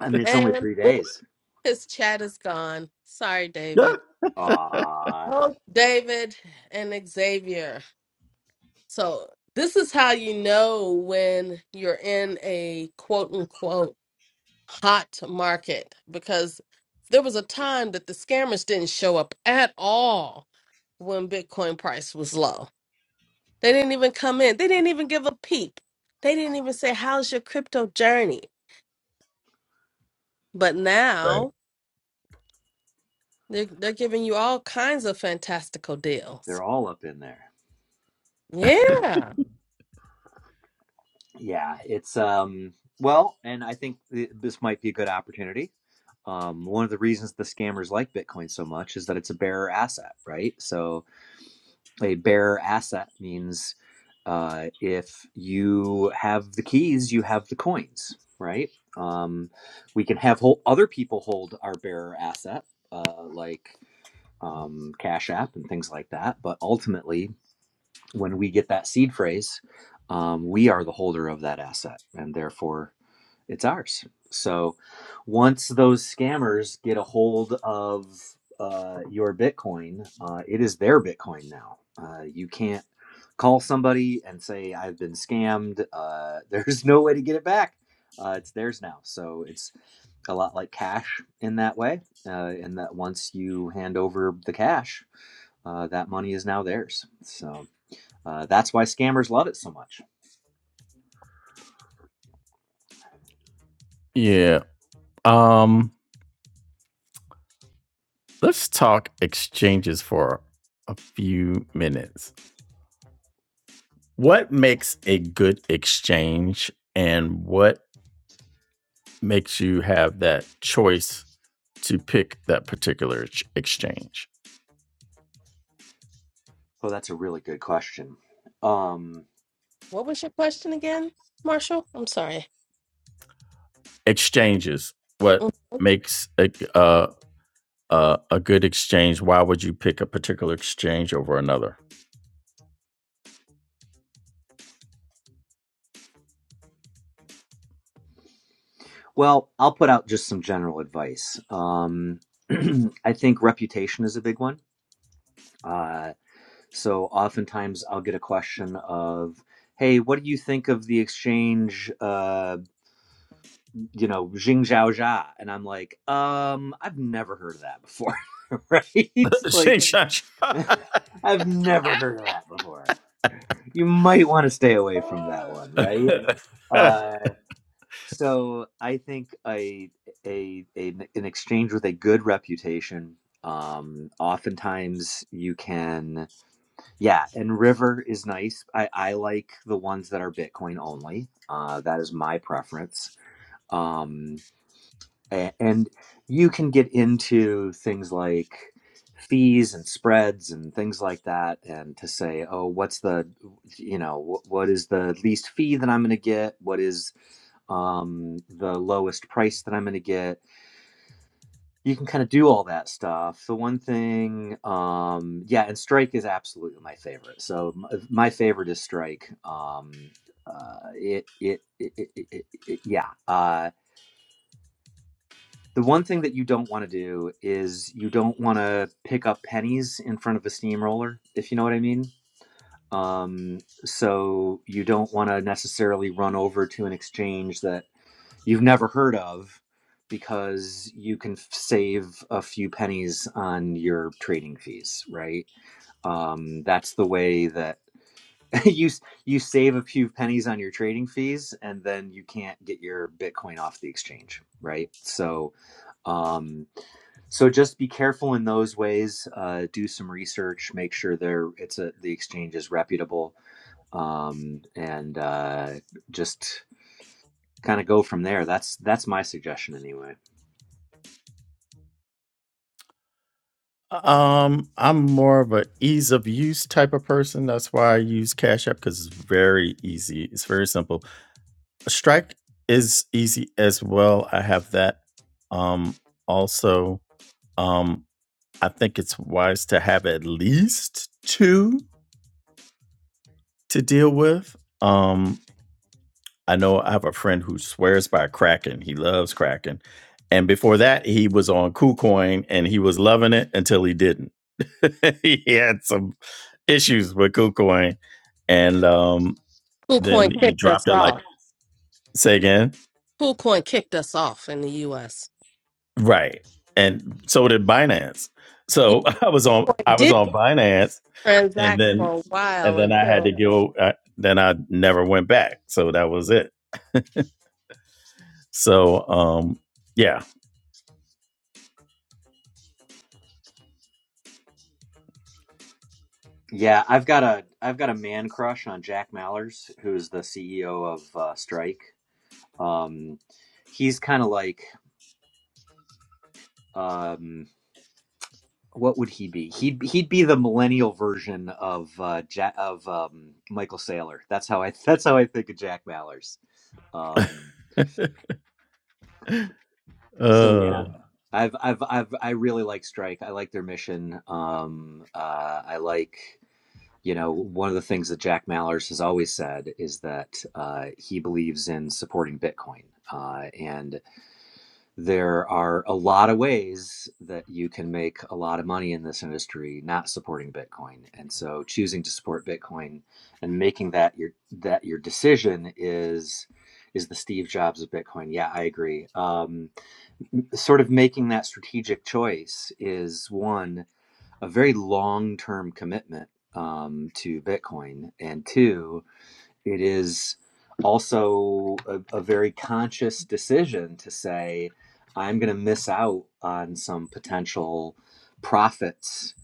S3: I mean, it's only
S2: And
S3: three days.
S2: his chat is gone. Sorry,
S1: Yeah.
S2: David.
S3: Ah,
S2: Oh, David and Xavier. So this is how you know when you're in a quote unquote hot market because there was a time that the scammers didn't show up at all when Bitcoin price was low. They didn't even come in. They didn't even give a peep. They didn't even say, "How's your crypto journey?" But
S1: Right.
S2: now they're they're giving you all kinds of fantastical deals.
S3: they're all up in there.
S2: Yeah.
S3: Yeah, it's um. Well, and I think th- this might be a good opportunity. Um, one of the reasons the scammers like Bitcoin so much is that it's a bearer asset, right? So a bearer asset means uh, if you have the keys, you have the coins, right? Um, we can have whole other people hold our bearer asset, uh, like um, Cash App and things like that. But ultimately, when we get that seed phrase, um, we are the holder of that asset, and therefore it's ours. So once those scammers get a hold of uh, your Bitcoin, uh, it is their Bitcoin now. Uh, you can't call somebody and say, I've been scammed. Uh, there's no way to get it back. Uh, it's theirs now. So it's a lot like cash in that way. Uh, in that once you hand over the cash, uh, that money is now theirs. So uh, that's why scammers love it so much
S1: Yeah. Um, let's talk exchanges for a few minutes. What makes a good exchange and what makes you have that choice to pick that particular exchange?
S3: Oh, that's a really good question. Um,
S2: What was your question again, Marshall? I'm sorry.
S1: Exchanges, what
S2: Mhm.
S1: makes a, uh, uh, a good exchange, why would you pick a particular exchange over another?
S3: well, I'll put out just some general advice. Um, I think reputation is a big one. Uh, so oftentimes I'll get a question of, "Hey, what do you think of the exchange? Uh, you know, Jing Zhao Zha?" And I'm like, "Um, I've never heard of that before, right? like,
S1: Exchange.
S3: I've never heard of that before. You might want to stay away from that one, right? Uh, so I think a, a a an exchange with a good reputation. Um, oftentimes you can, yeah. And River is nice. I I like the ones that are Bitcoin only. Uh, that is my preference. Um, a- and you can get into things like fees and spreads and things like that and to say oh what's the you know wh- what is the least fee that i'm going to get what is um, the lowest price that i'm going to get you can kind of do all that stuff the one thing um, yeah and strike is absolutely my favorite so m- my favorite is strike um, uh, it, it, it, it, it, it yeah Uh, the one thing that you don't want to do is you don't want to pick up pennies in front of a steamroller, if you know what I mean. Um, so you don't want to necessarily run over to an exchange that you've never heard of because you can f- save a few pennies on your trading fees, right? Um, that's the way that you you save a few pennies on your trading fees and then you can't get your bitcoin off the exchange right so um so just be careful in those ways uh do some research make sure they're it's a the exchange is reputable um and uh just kind of go from there that's that's my suggestion anyway
S1: Um, I'm more of an ease of use type of person. That's why I use Cash App because it's very easy. It's very simple. Strike is easy as well. I have that. Um, also, um, I think it's wise to have at least two to deal with. Um, I know I have a friend who swears by Kraken. He loves Kraken. And before that, he was on KuCoin and he was loving it until he didn't. he had some issues with KuCoin. And um, then
S2: KuCoin
S1: he
S2: kicked us
S1: dropped it like,
S2: off.
S1: say again.
S2: KuCoin kicked us off in the U.S.
S1: Right. And so did Binance.
S2: Yeah,
S1: So I was on I
S2: it
S1: was
S2: did
S1: on Binance and
S2: transact
S1: then
S2: for a
S1: and
S2: while
S1: then I had
S2: until
S1: to go uh, then I never went back. So that was it. So um yeah.
S3: yeah i've got a i've got a man crush on jack mallers who's the ceo of uh strike um he's kind of like um what would he be? He'd he'd be the millennial version of uh, Jack of um, Michael Saylor. That's how I that's how I think of Jack Mallers. Um, so yeah,
S1: Uh
S3: I've I've I've I really like Strike. I like their mission. Um, uh, I like you know one of the things that Jack Mallers has always said is that uh, he believes in supporting Bitcoin. Uh, and there are a lot of ways that you can make a lot of money in this industry not supporting bitcoin and so choosing to support bitcoin and making that your that your decision is is the steve jobs of bitcoin yeah i agree um, sort of making that strategic choice is one a very long term commitment um, to bitcoin and two it is also a, a very conscious decision to say, I'm going to miss out on some potential profits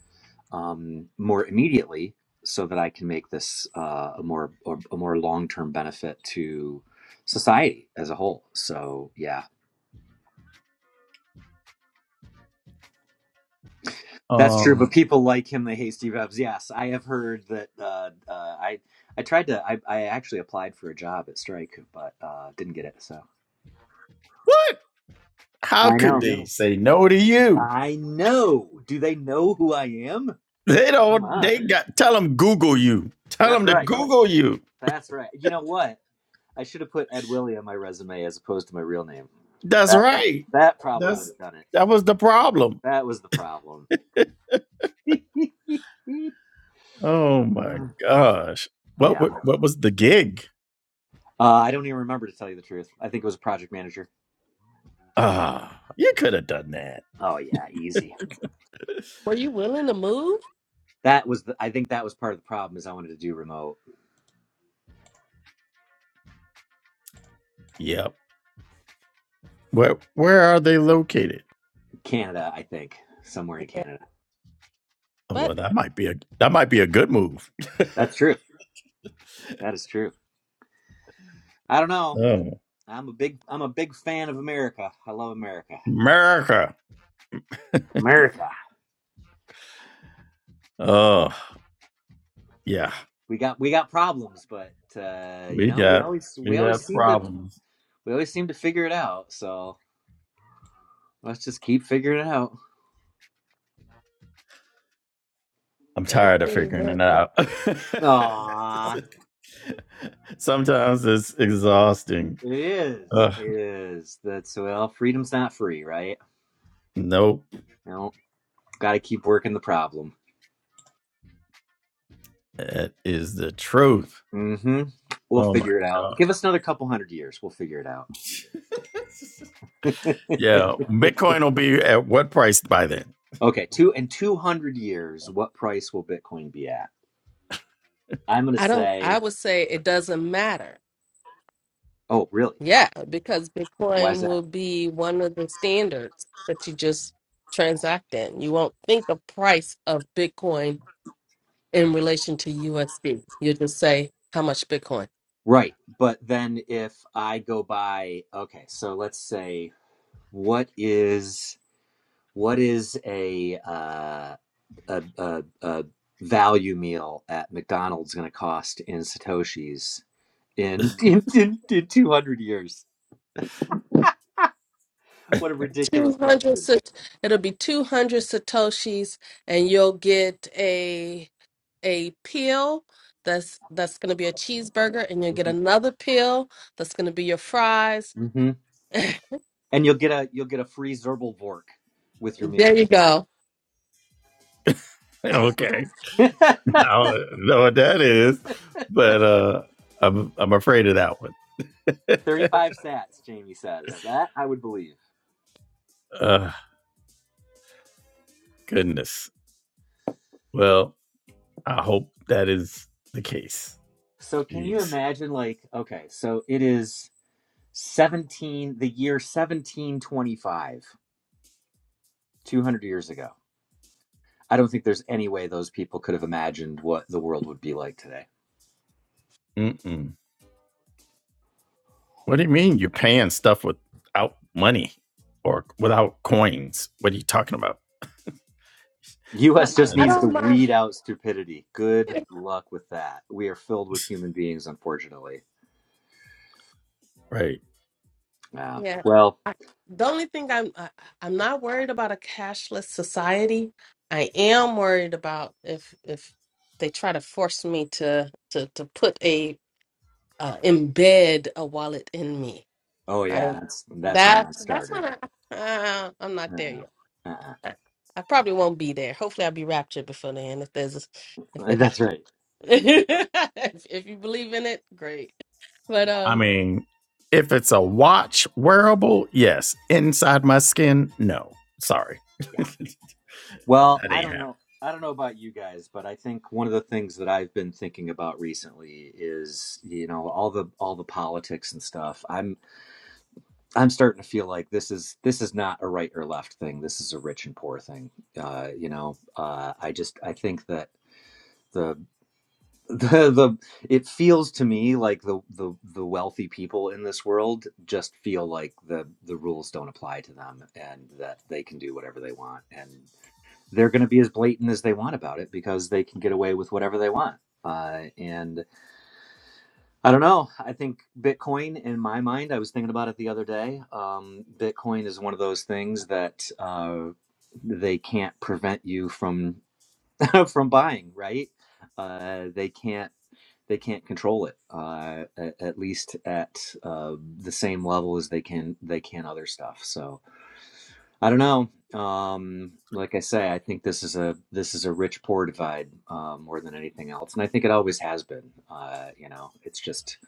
S3: um, more immediately so that I can make this uh, a more or, a more long-term benefit to society as a whole. So yeah, that's true.
S1: um
S3: But people like him, they hate Steve Jobs. Yes, I have heard that. Uh, uh, I I tried to. I, I actually applied for a job at Strike, but uh, didn't get it. So
S1: How
S3: I
S1: could
S3: know
S1: they say no to you?
S3: I know. Do they know who I am?
S1: They
S3: Come
S1: don't.
S3: on.
S1: They got. Tell them Google you. Tell
S3: That's
S1: them to
S3: right.
S1: Google you.
S3: That's right. You know what? I should have put Ed Willie on my resume as opposed to my real name.
S1: That's
S3: That
S1: right.
S3: that probably would
S1: That's
S3: have done it.
S1: that was the problem.
S3: That was the problem.
S1: Oh my
S3: Uh,
S1: gosh. What
S3: yeah.
S1: what, what was the gig?
S3: Uh, I don't even remember to tell you the truth. I think it was a project manager.
S1: Ah, oh, you could have done that.
S3: Oh yeah, easy.
S2: Were you willing to move?
S3: That was the I think that was part of the problem is I wanted to do remote
S1: Yep. Where where are they located?
S3: Canada, I think, somewhere in
S2: Yeah.
S3: Canada.
S1: Oh,
S2: But
S1: well, that might be a that might be a good move.
S3: That's true. That is true. I don't know.
S1: Oh,
S3: I'm a big I'm a big fan of America. I love America.
S1: America.
S3: America.
S1: Oh, yeah.
S3: We got we got problems, but uh, you
S1: We
S3: know, we
S1: got
S3: always
S1: we
S3: we always
S1: got
S3: seem to
S1: problems.
S3: we always seem to figure it out. So let's just keep figuring it out.
S1: I'm
S2: very
S1: tired of
S2: true,
S1: figuring
S2: very
S1: it
S2: true.
S1: out.
S3: Aw,
S1: Sometimes it's exhausting.
S3: it is.
S1: Ugh,
S3: It is. That's well, freedom's not free, right?
S1: nope,
S3: You know, gotta keep working the problem.
S1: that is the truth.
S3: Mm-hmm. We'll
S1: Oh my
S3: figure it out.
S1: god.
S3: Give us another couple hundred years. We'll figure it out.
S1: Yeah, Bitcoin will be at what price by then?
S3: okay, two in two hundred years, what price will Bitcoin be at? I'm gonna
S2: I don't I
S3: say
S2: would say it doesn't matter.
S3: Oh, really?
S2: Yeah, because
S3: Why is
S2: Bitcoin
S3: that?
S2: will be one of the standards that you just transact in. You won't think of price of Bitcoin in relation to USD. you just say how much Bitcoin.
S3: Right. But then if I go by, okay, so let's say what is what is a uh, a, a, a value meal at McDonald's going to cost in satoshis in in, in in 200 years? What a ridiculous
S2: 200
S3: question.
S2: sat- it'll be 200 satoshis and you'll get a a peel that's that's going to be a cheeseburger and you'll get
S3: hmm
S2: another peel that's going to be your fries
S3: hmm And you'll get a you'll get a free Zerbal Vork with your meal.
S2: there you go
S1: okay, I don't know what that is, but uh, I'm I'm afraid of that one.
S3: 35 sats, Jamie says. That I would believe.
S1: Uh, goodness. Well, I hope that is the case.
S3: So can you
S1: Jeez.
S3: imagine like okay, so it is 17 the year 1725, 200 years ago. I don't think there's any way those people could have imagined what the world would be like today.
S1: Mm-mm. What do you mean you're paying stuff without money or without coins? What are you talking about?
S2: so
S3: US
S2: i,
S3: just
S2: I
S1: And-
S3: needs to
S2: don't mind
S3: weed out stupidity. Good luck with that. We are filled with human beings unfortunately.
S1: right.
S3: Yeah.
S2: yeah
S3: Well,
S2: I, the only thing i'm I, i'm not worried about a cashless society i am worried about if if they try to force me to to to put a uh, embed a wallet in me
S3: oh yeah,
S2: Right.
S3: that's that's a
S2: That's that's
S3: non-starter.
S2: not. Uh, I'm not there yet.
S3: Uh-uh. Uh-uh.
S2: I, I probably won't be there. Hopefully, I'll be raptured before then. If there's, a, if it
S3: That's
S2: happens,
S3: right.
S2: if, if you believe in it, great. But
S1: I
S2: um,
S1: mean, if it's a watch wearable, yes. Inside my skin, no. Sorry. that ain't
S3: Well, I don't
S1: happening.
S3: know. I don't know about you guys, but I think one of the things that I've been thinking about recently is, you know, all the all the politics and stuff. I'm I'm starting to feel like this is this is not a right or left thing. This is a rich and poor thing. Uh, you know, uh, I just I think that the the the it feels to me like the the the wealthy people in this world just feel like the the rules don't apply to them and that they can do whatever they want. and they're going to be as blatant as they want about it because they can get away with whatever they want. Uh, and I don't know. I think Bitcoin, in my mind, I was thinking about it the other day. Um, Bitcoin is one of those things that uh, they can't prevent you from from buying, right? Uh, they can't they can't control it uh, at, at least at uh, the same level as they can they can other stuff. So I don't know. Um, like I say, I think this is a this is a rich poor divide uh, more than anything else, and I think it always has been. Uh, you know, it's just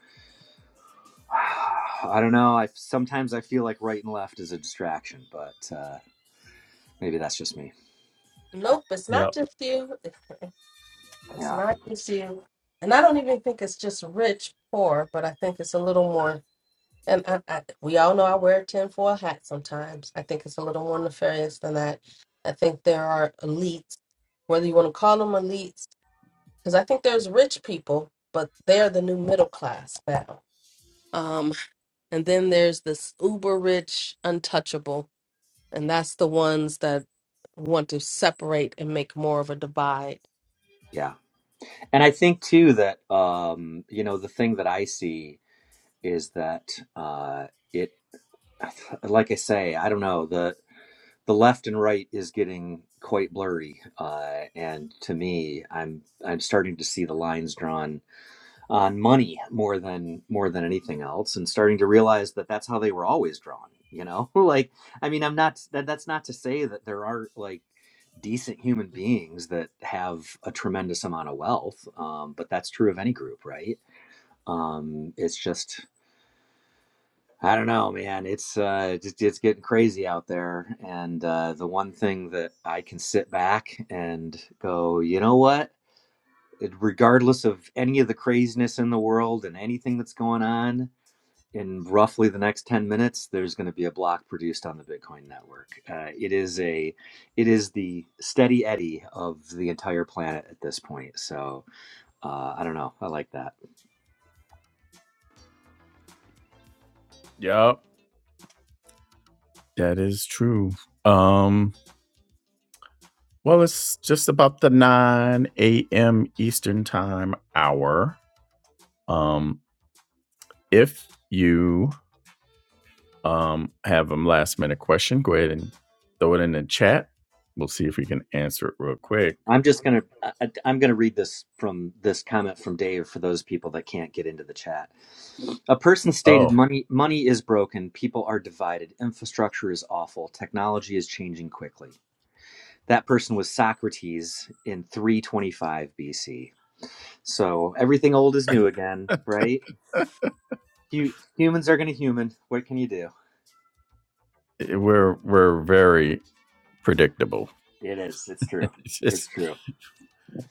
S3: I don't know. I sometimes I feel like right and left is a distraction, but uh, maybe that's just me.
S2: nope. It's not just you. It's
S3: Yeah,
S2: not just you. And I don't even think it's just rich poor, but I think it's a little more. And I, I, we all know I wear a tinfoil hat sometimes. I think it's a little more nefarious than that. I think there are elites, whether you want to call them elites because I think there's rich people, but they're the new middle class now. Um, and then there's this uber rich, untouchable, and that's the ones that want to separate and make more of a divide.
S3: yeah. And I think too that um, you know the thing that I see is that uh, it, like I say, I don't know the the left and right is getting quite blurry, uh, and to me, I'm I'm starting to see the lines drawn on money more than more than anything else, and starting to realize that that's how they were always drawn. You know, like I mean, I'm not that that's not to say that there are like decent human beings that have a tremendous amount of wealth, um, but that's true of any group, right? Um, it's just I don't know, man. It's uh, just it's getting crazy out there, and uh, the one thing that I can sit back and go, you know what? It, regardless of any of the craziness in the world and anything that's going on, in roughly the next ten minutes, there's going to be a block produced on the Bitcoin network. Uh, it is a, it is the steady eddy of the entire planet at this point. So uh, I don't know. I like that.
S1: Yup. That is true. Um, well, it's just about the 9 a.m. Eastern time hour. Um, if you Um, have a last minute question. Go ahead and throw it in the chat. We'll see if we can answer it real quick.
S3: I'm just gonna I, I- I'm gonna read this from this comment from Dave for those people that can't get into the chat. A person stated
S1: Oh,
S3: money money is broken, people are divided, infrastructure is awful, technology is changing quickly. That person was Socrates in 325 BC. So everything old is new again, right? Hu- humans are going to human. What can you do?
S1: eh, we're we're very predictable.
S3: It is. It's true.
S1: It's
S3: It's
S1: just
S3: true.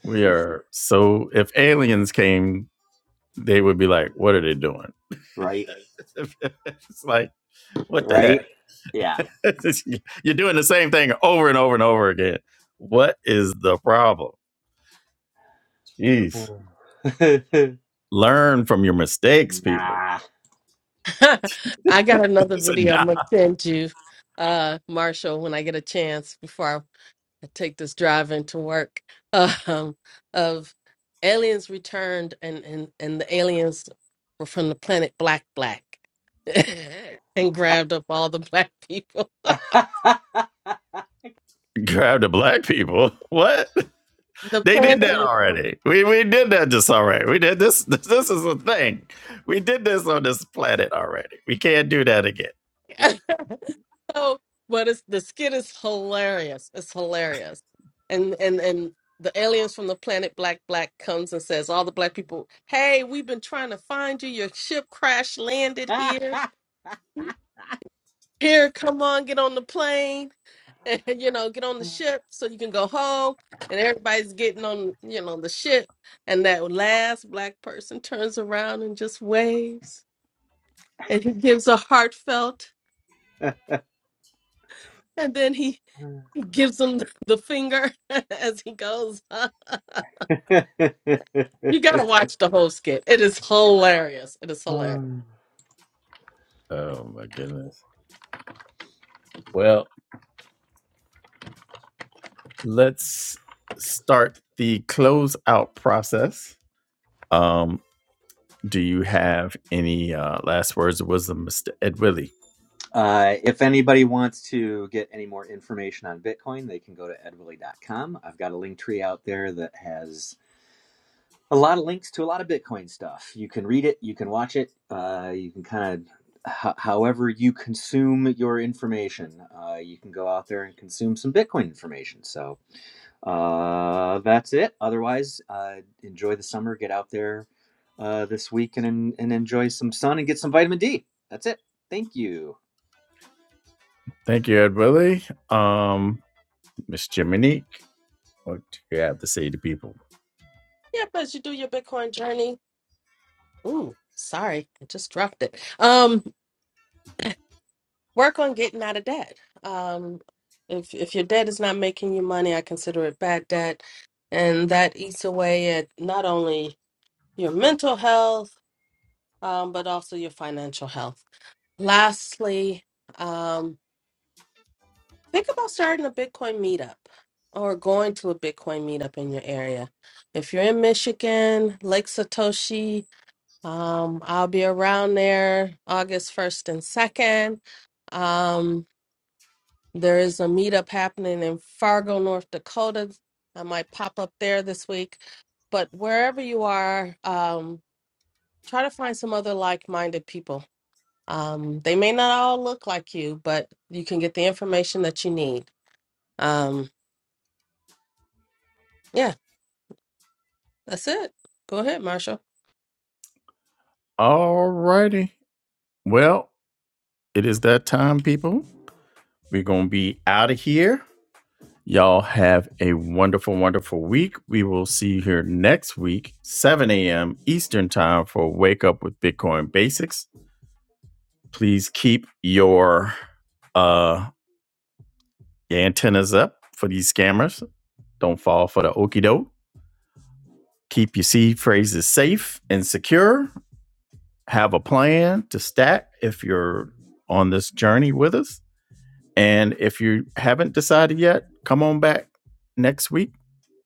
S1: we are so. If aliens came, they would be like, "What are they doing?"
S3: Right?
S1: it's like, what the heck?
S3: Right? Yeah.
S1: It's just- You're doing the same thing over and over and over again. What is the problem? Jeez. Learn from your mistakes, people.
S3: nah.
S2: I got another
S1: It's a
S2: video
S1: nah.
S2: I'm gonna send you, uh, Marshall, when I get a chance before I I take this drive into work. Um, of aliens returned, and and and the aliens were from the planet Black Black. and grabbed up all the black people.
S1: Grab the black people. What?
S2: The
S1: They did
S2: planet
S1: that
S2: was
S1: already. We we did that just already. We did this. This is a thing. We did this on this planet already. We can't do that again.
S3: right.
S2: so, but it's the skit is hilarious. It's hilarious, and and and the aliens from the planet Black Black comes and says all the black people, "Hey, we've been trying to find you. Your ship crash landed here. Here, come on, get on the plane." and you know get on the ship so you can go home and everybody's getting on you know the ship and that last black person turns around and just waves and he gives a heartfelt and then he gives him the finger as he goes on. You got to watch the whole skit. It is hilarious. It is hilarious.
S3: Um,
S1: Oh my goodness. Well, let's start the closeout process. Um, do you have any uh, last words of wisdom, Mr. Ed Willie?
S3: Uh, if anybody wants to get any more information on Bitcoin, they can go to edwilly.com. I've got a link tree out there that has a lot of links to a lot of Bitcoin stuff. You can read it, you can watch it, uh, you can kind of, ho however you consume your information, uh, you can go out there and consume some Bitcoin information. So uh, that's it. Otherwise, uh, enjoy the summer, get out there uh, this week and, and enjoy some sun and get some vitamin D. That's it. Thank you.
S1: Thank you, Ed Willie. Um, Miss Jiminique, what do you have to say to people?
S2: Yeah, but as you do your Bitcoin journey, ooh, sorry, I just dropped it. Um, work on getting out of debt. Um, if if your debt is not making you money, I consider it bad debt, and that eats away at not only your mental health, um, but also your financial health. Lastly, um. Think about starting a Bitcoin meetup or going to a Bitcoin meetup in your area. If you're in Michigan, Lake Satoshi, um, I'll be around there August 1st and 2nd. Um, there is a meetup happening in Fargo, North Dakota. I might pop up there this week. But wherever you are, um, try to find some other like minded people. Um, they may not all look like you, but you can get the information that you need. Um, yeah, That's it. Go ahead, Marsha.
S1: All righty. Well, it is that time, people. We're going to be out of here. Y'all have a wonderful, wonderful week. We will see you here next week, 7 a.m. Eastern Time for Wake Up with Bitcoin Basics. Please keep your uh your antennas up for these scammers. Don't fall for the okey doke. Keep your seed phrases safe and secure. have a plan to stack if you're on this journey with us. And if you haven't decided yet, come on back next week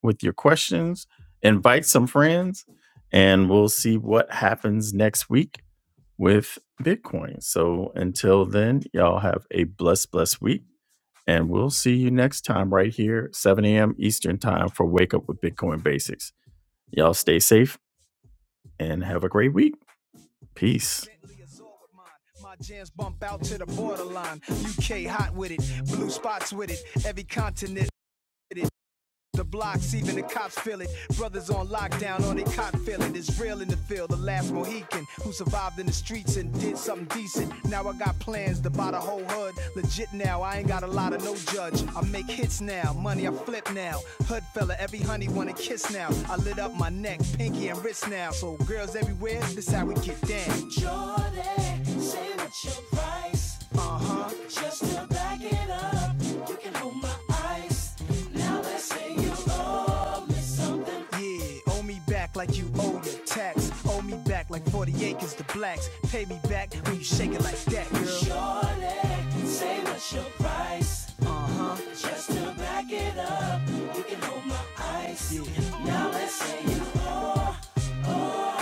S1: with your questions, invite some friends, and we'll see what happens next week with Bitcoin. So until then, y'all have a blessed, blessed week. And we'll see you next time right here, 7 a.m. Eastern Time for Wake Up with Bitcoin Basics. Y'all stay safe and have a great week. Peace. My jams bump out to the borderline. UK hot with it, blue spots with it, every continent. with it. The blocks, even the cops feel it. Brothers on lockdown, on they cot feel it. It's real in the field. The last Mohican who survived in the streets and did something decent. Now I got plans to buy the whole hood. Legit now, I ain't got a lot of no judge. I make hits now, money I flip now. Hood fella, every honey wanna kiss now. I lit up my neck, pinky and wrist now. So girls everywhere, this how we get down. Jordan, say what's your price? Just to back it up, you can hold my ice. Now let's say you owe. Yeah, owe me back like you owe your tax. Owe me back like 40 acres to blacks. Pay me back when you shake it like that, girl. Sure, say what's your price. Just to back it up, you can hold my ice.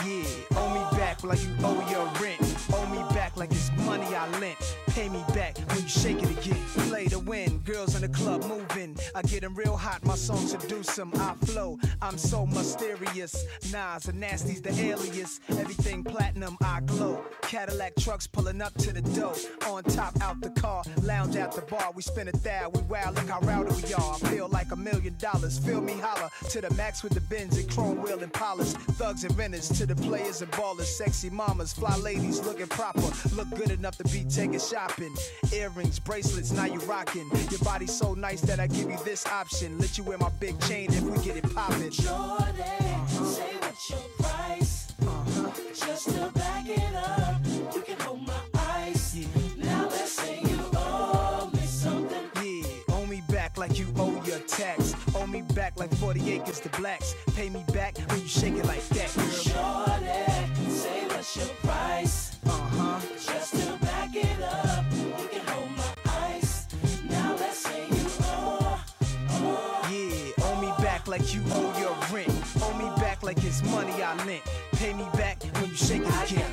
S1: Yeah, owe me back like you owe your rent. Owe me back like it's money I lent. Pay me back when you shake it again. Play to win, girls in the club moving. I get 'em real hot, my song seduce 'em. I flow, I'm so mysterious. Nas and Nasty's the alias. Everything platinum, I glow. Cadillac trucks pulling up to the door. On top, out the car, Lounge at the bar, we spin a thou, we wow, look how rowdy we are. I feel like a million dollars, feel me holler to the max with the Benz and chrome wheel and polish. Thugs and renters to the players and ballers, sexy mamas, fly ladies looking proper, look good enough to be taken shopping. Earrings, bracelets, now you rockin'. Your body so nice that I give you this option. Let you wear my big chain if we get it poppin'. Yeah, yeah. Owe me back like you owe your tax. Owe me back like 40 acres to blacks. Pay me back when you shake it like that. Girl, Uh-huh. Yeah, owe me back like you owe your rent. Owe me back like it's money I lent. Pay me back when you shake it again.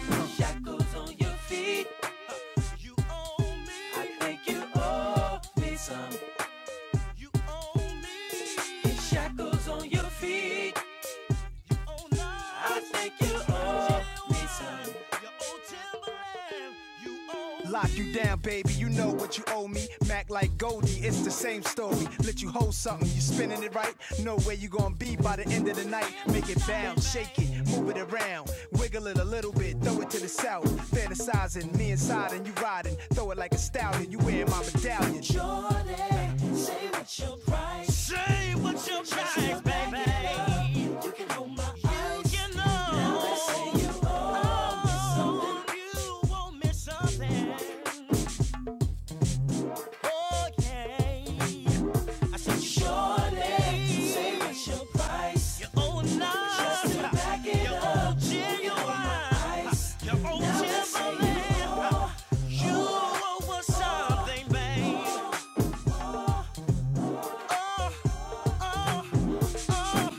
S1: You owe me shackles on your feet. I think you owe me some. Lock you down, baby. You know what you owe me. Mac like Goldie, it's the same story. Let you hold something, you spinning it right. Know where you gonna be by the end of the night. Make it bounce, shake it, move it around, wiggle it a little bit, throw it to the south. Fantasizing, me inside and you riding, throw it like a stallion. You wearing my medallion. Jordan, Say what your price. Say what your price, baby. You can hold my eyes. You know, Now I see you owe me something. oh, you want me something. Oh, yeah. I said, Surely. surely. Say what your price. You owe me nothing. Just to back it up. owe You hold my genuine. eyes. You owe Now I you Timberland. owe. You owe us something, babe. oh, oh, oh. oh.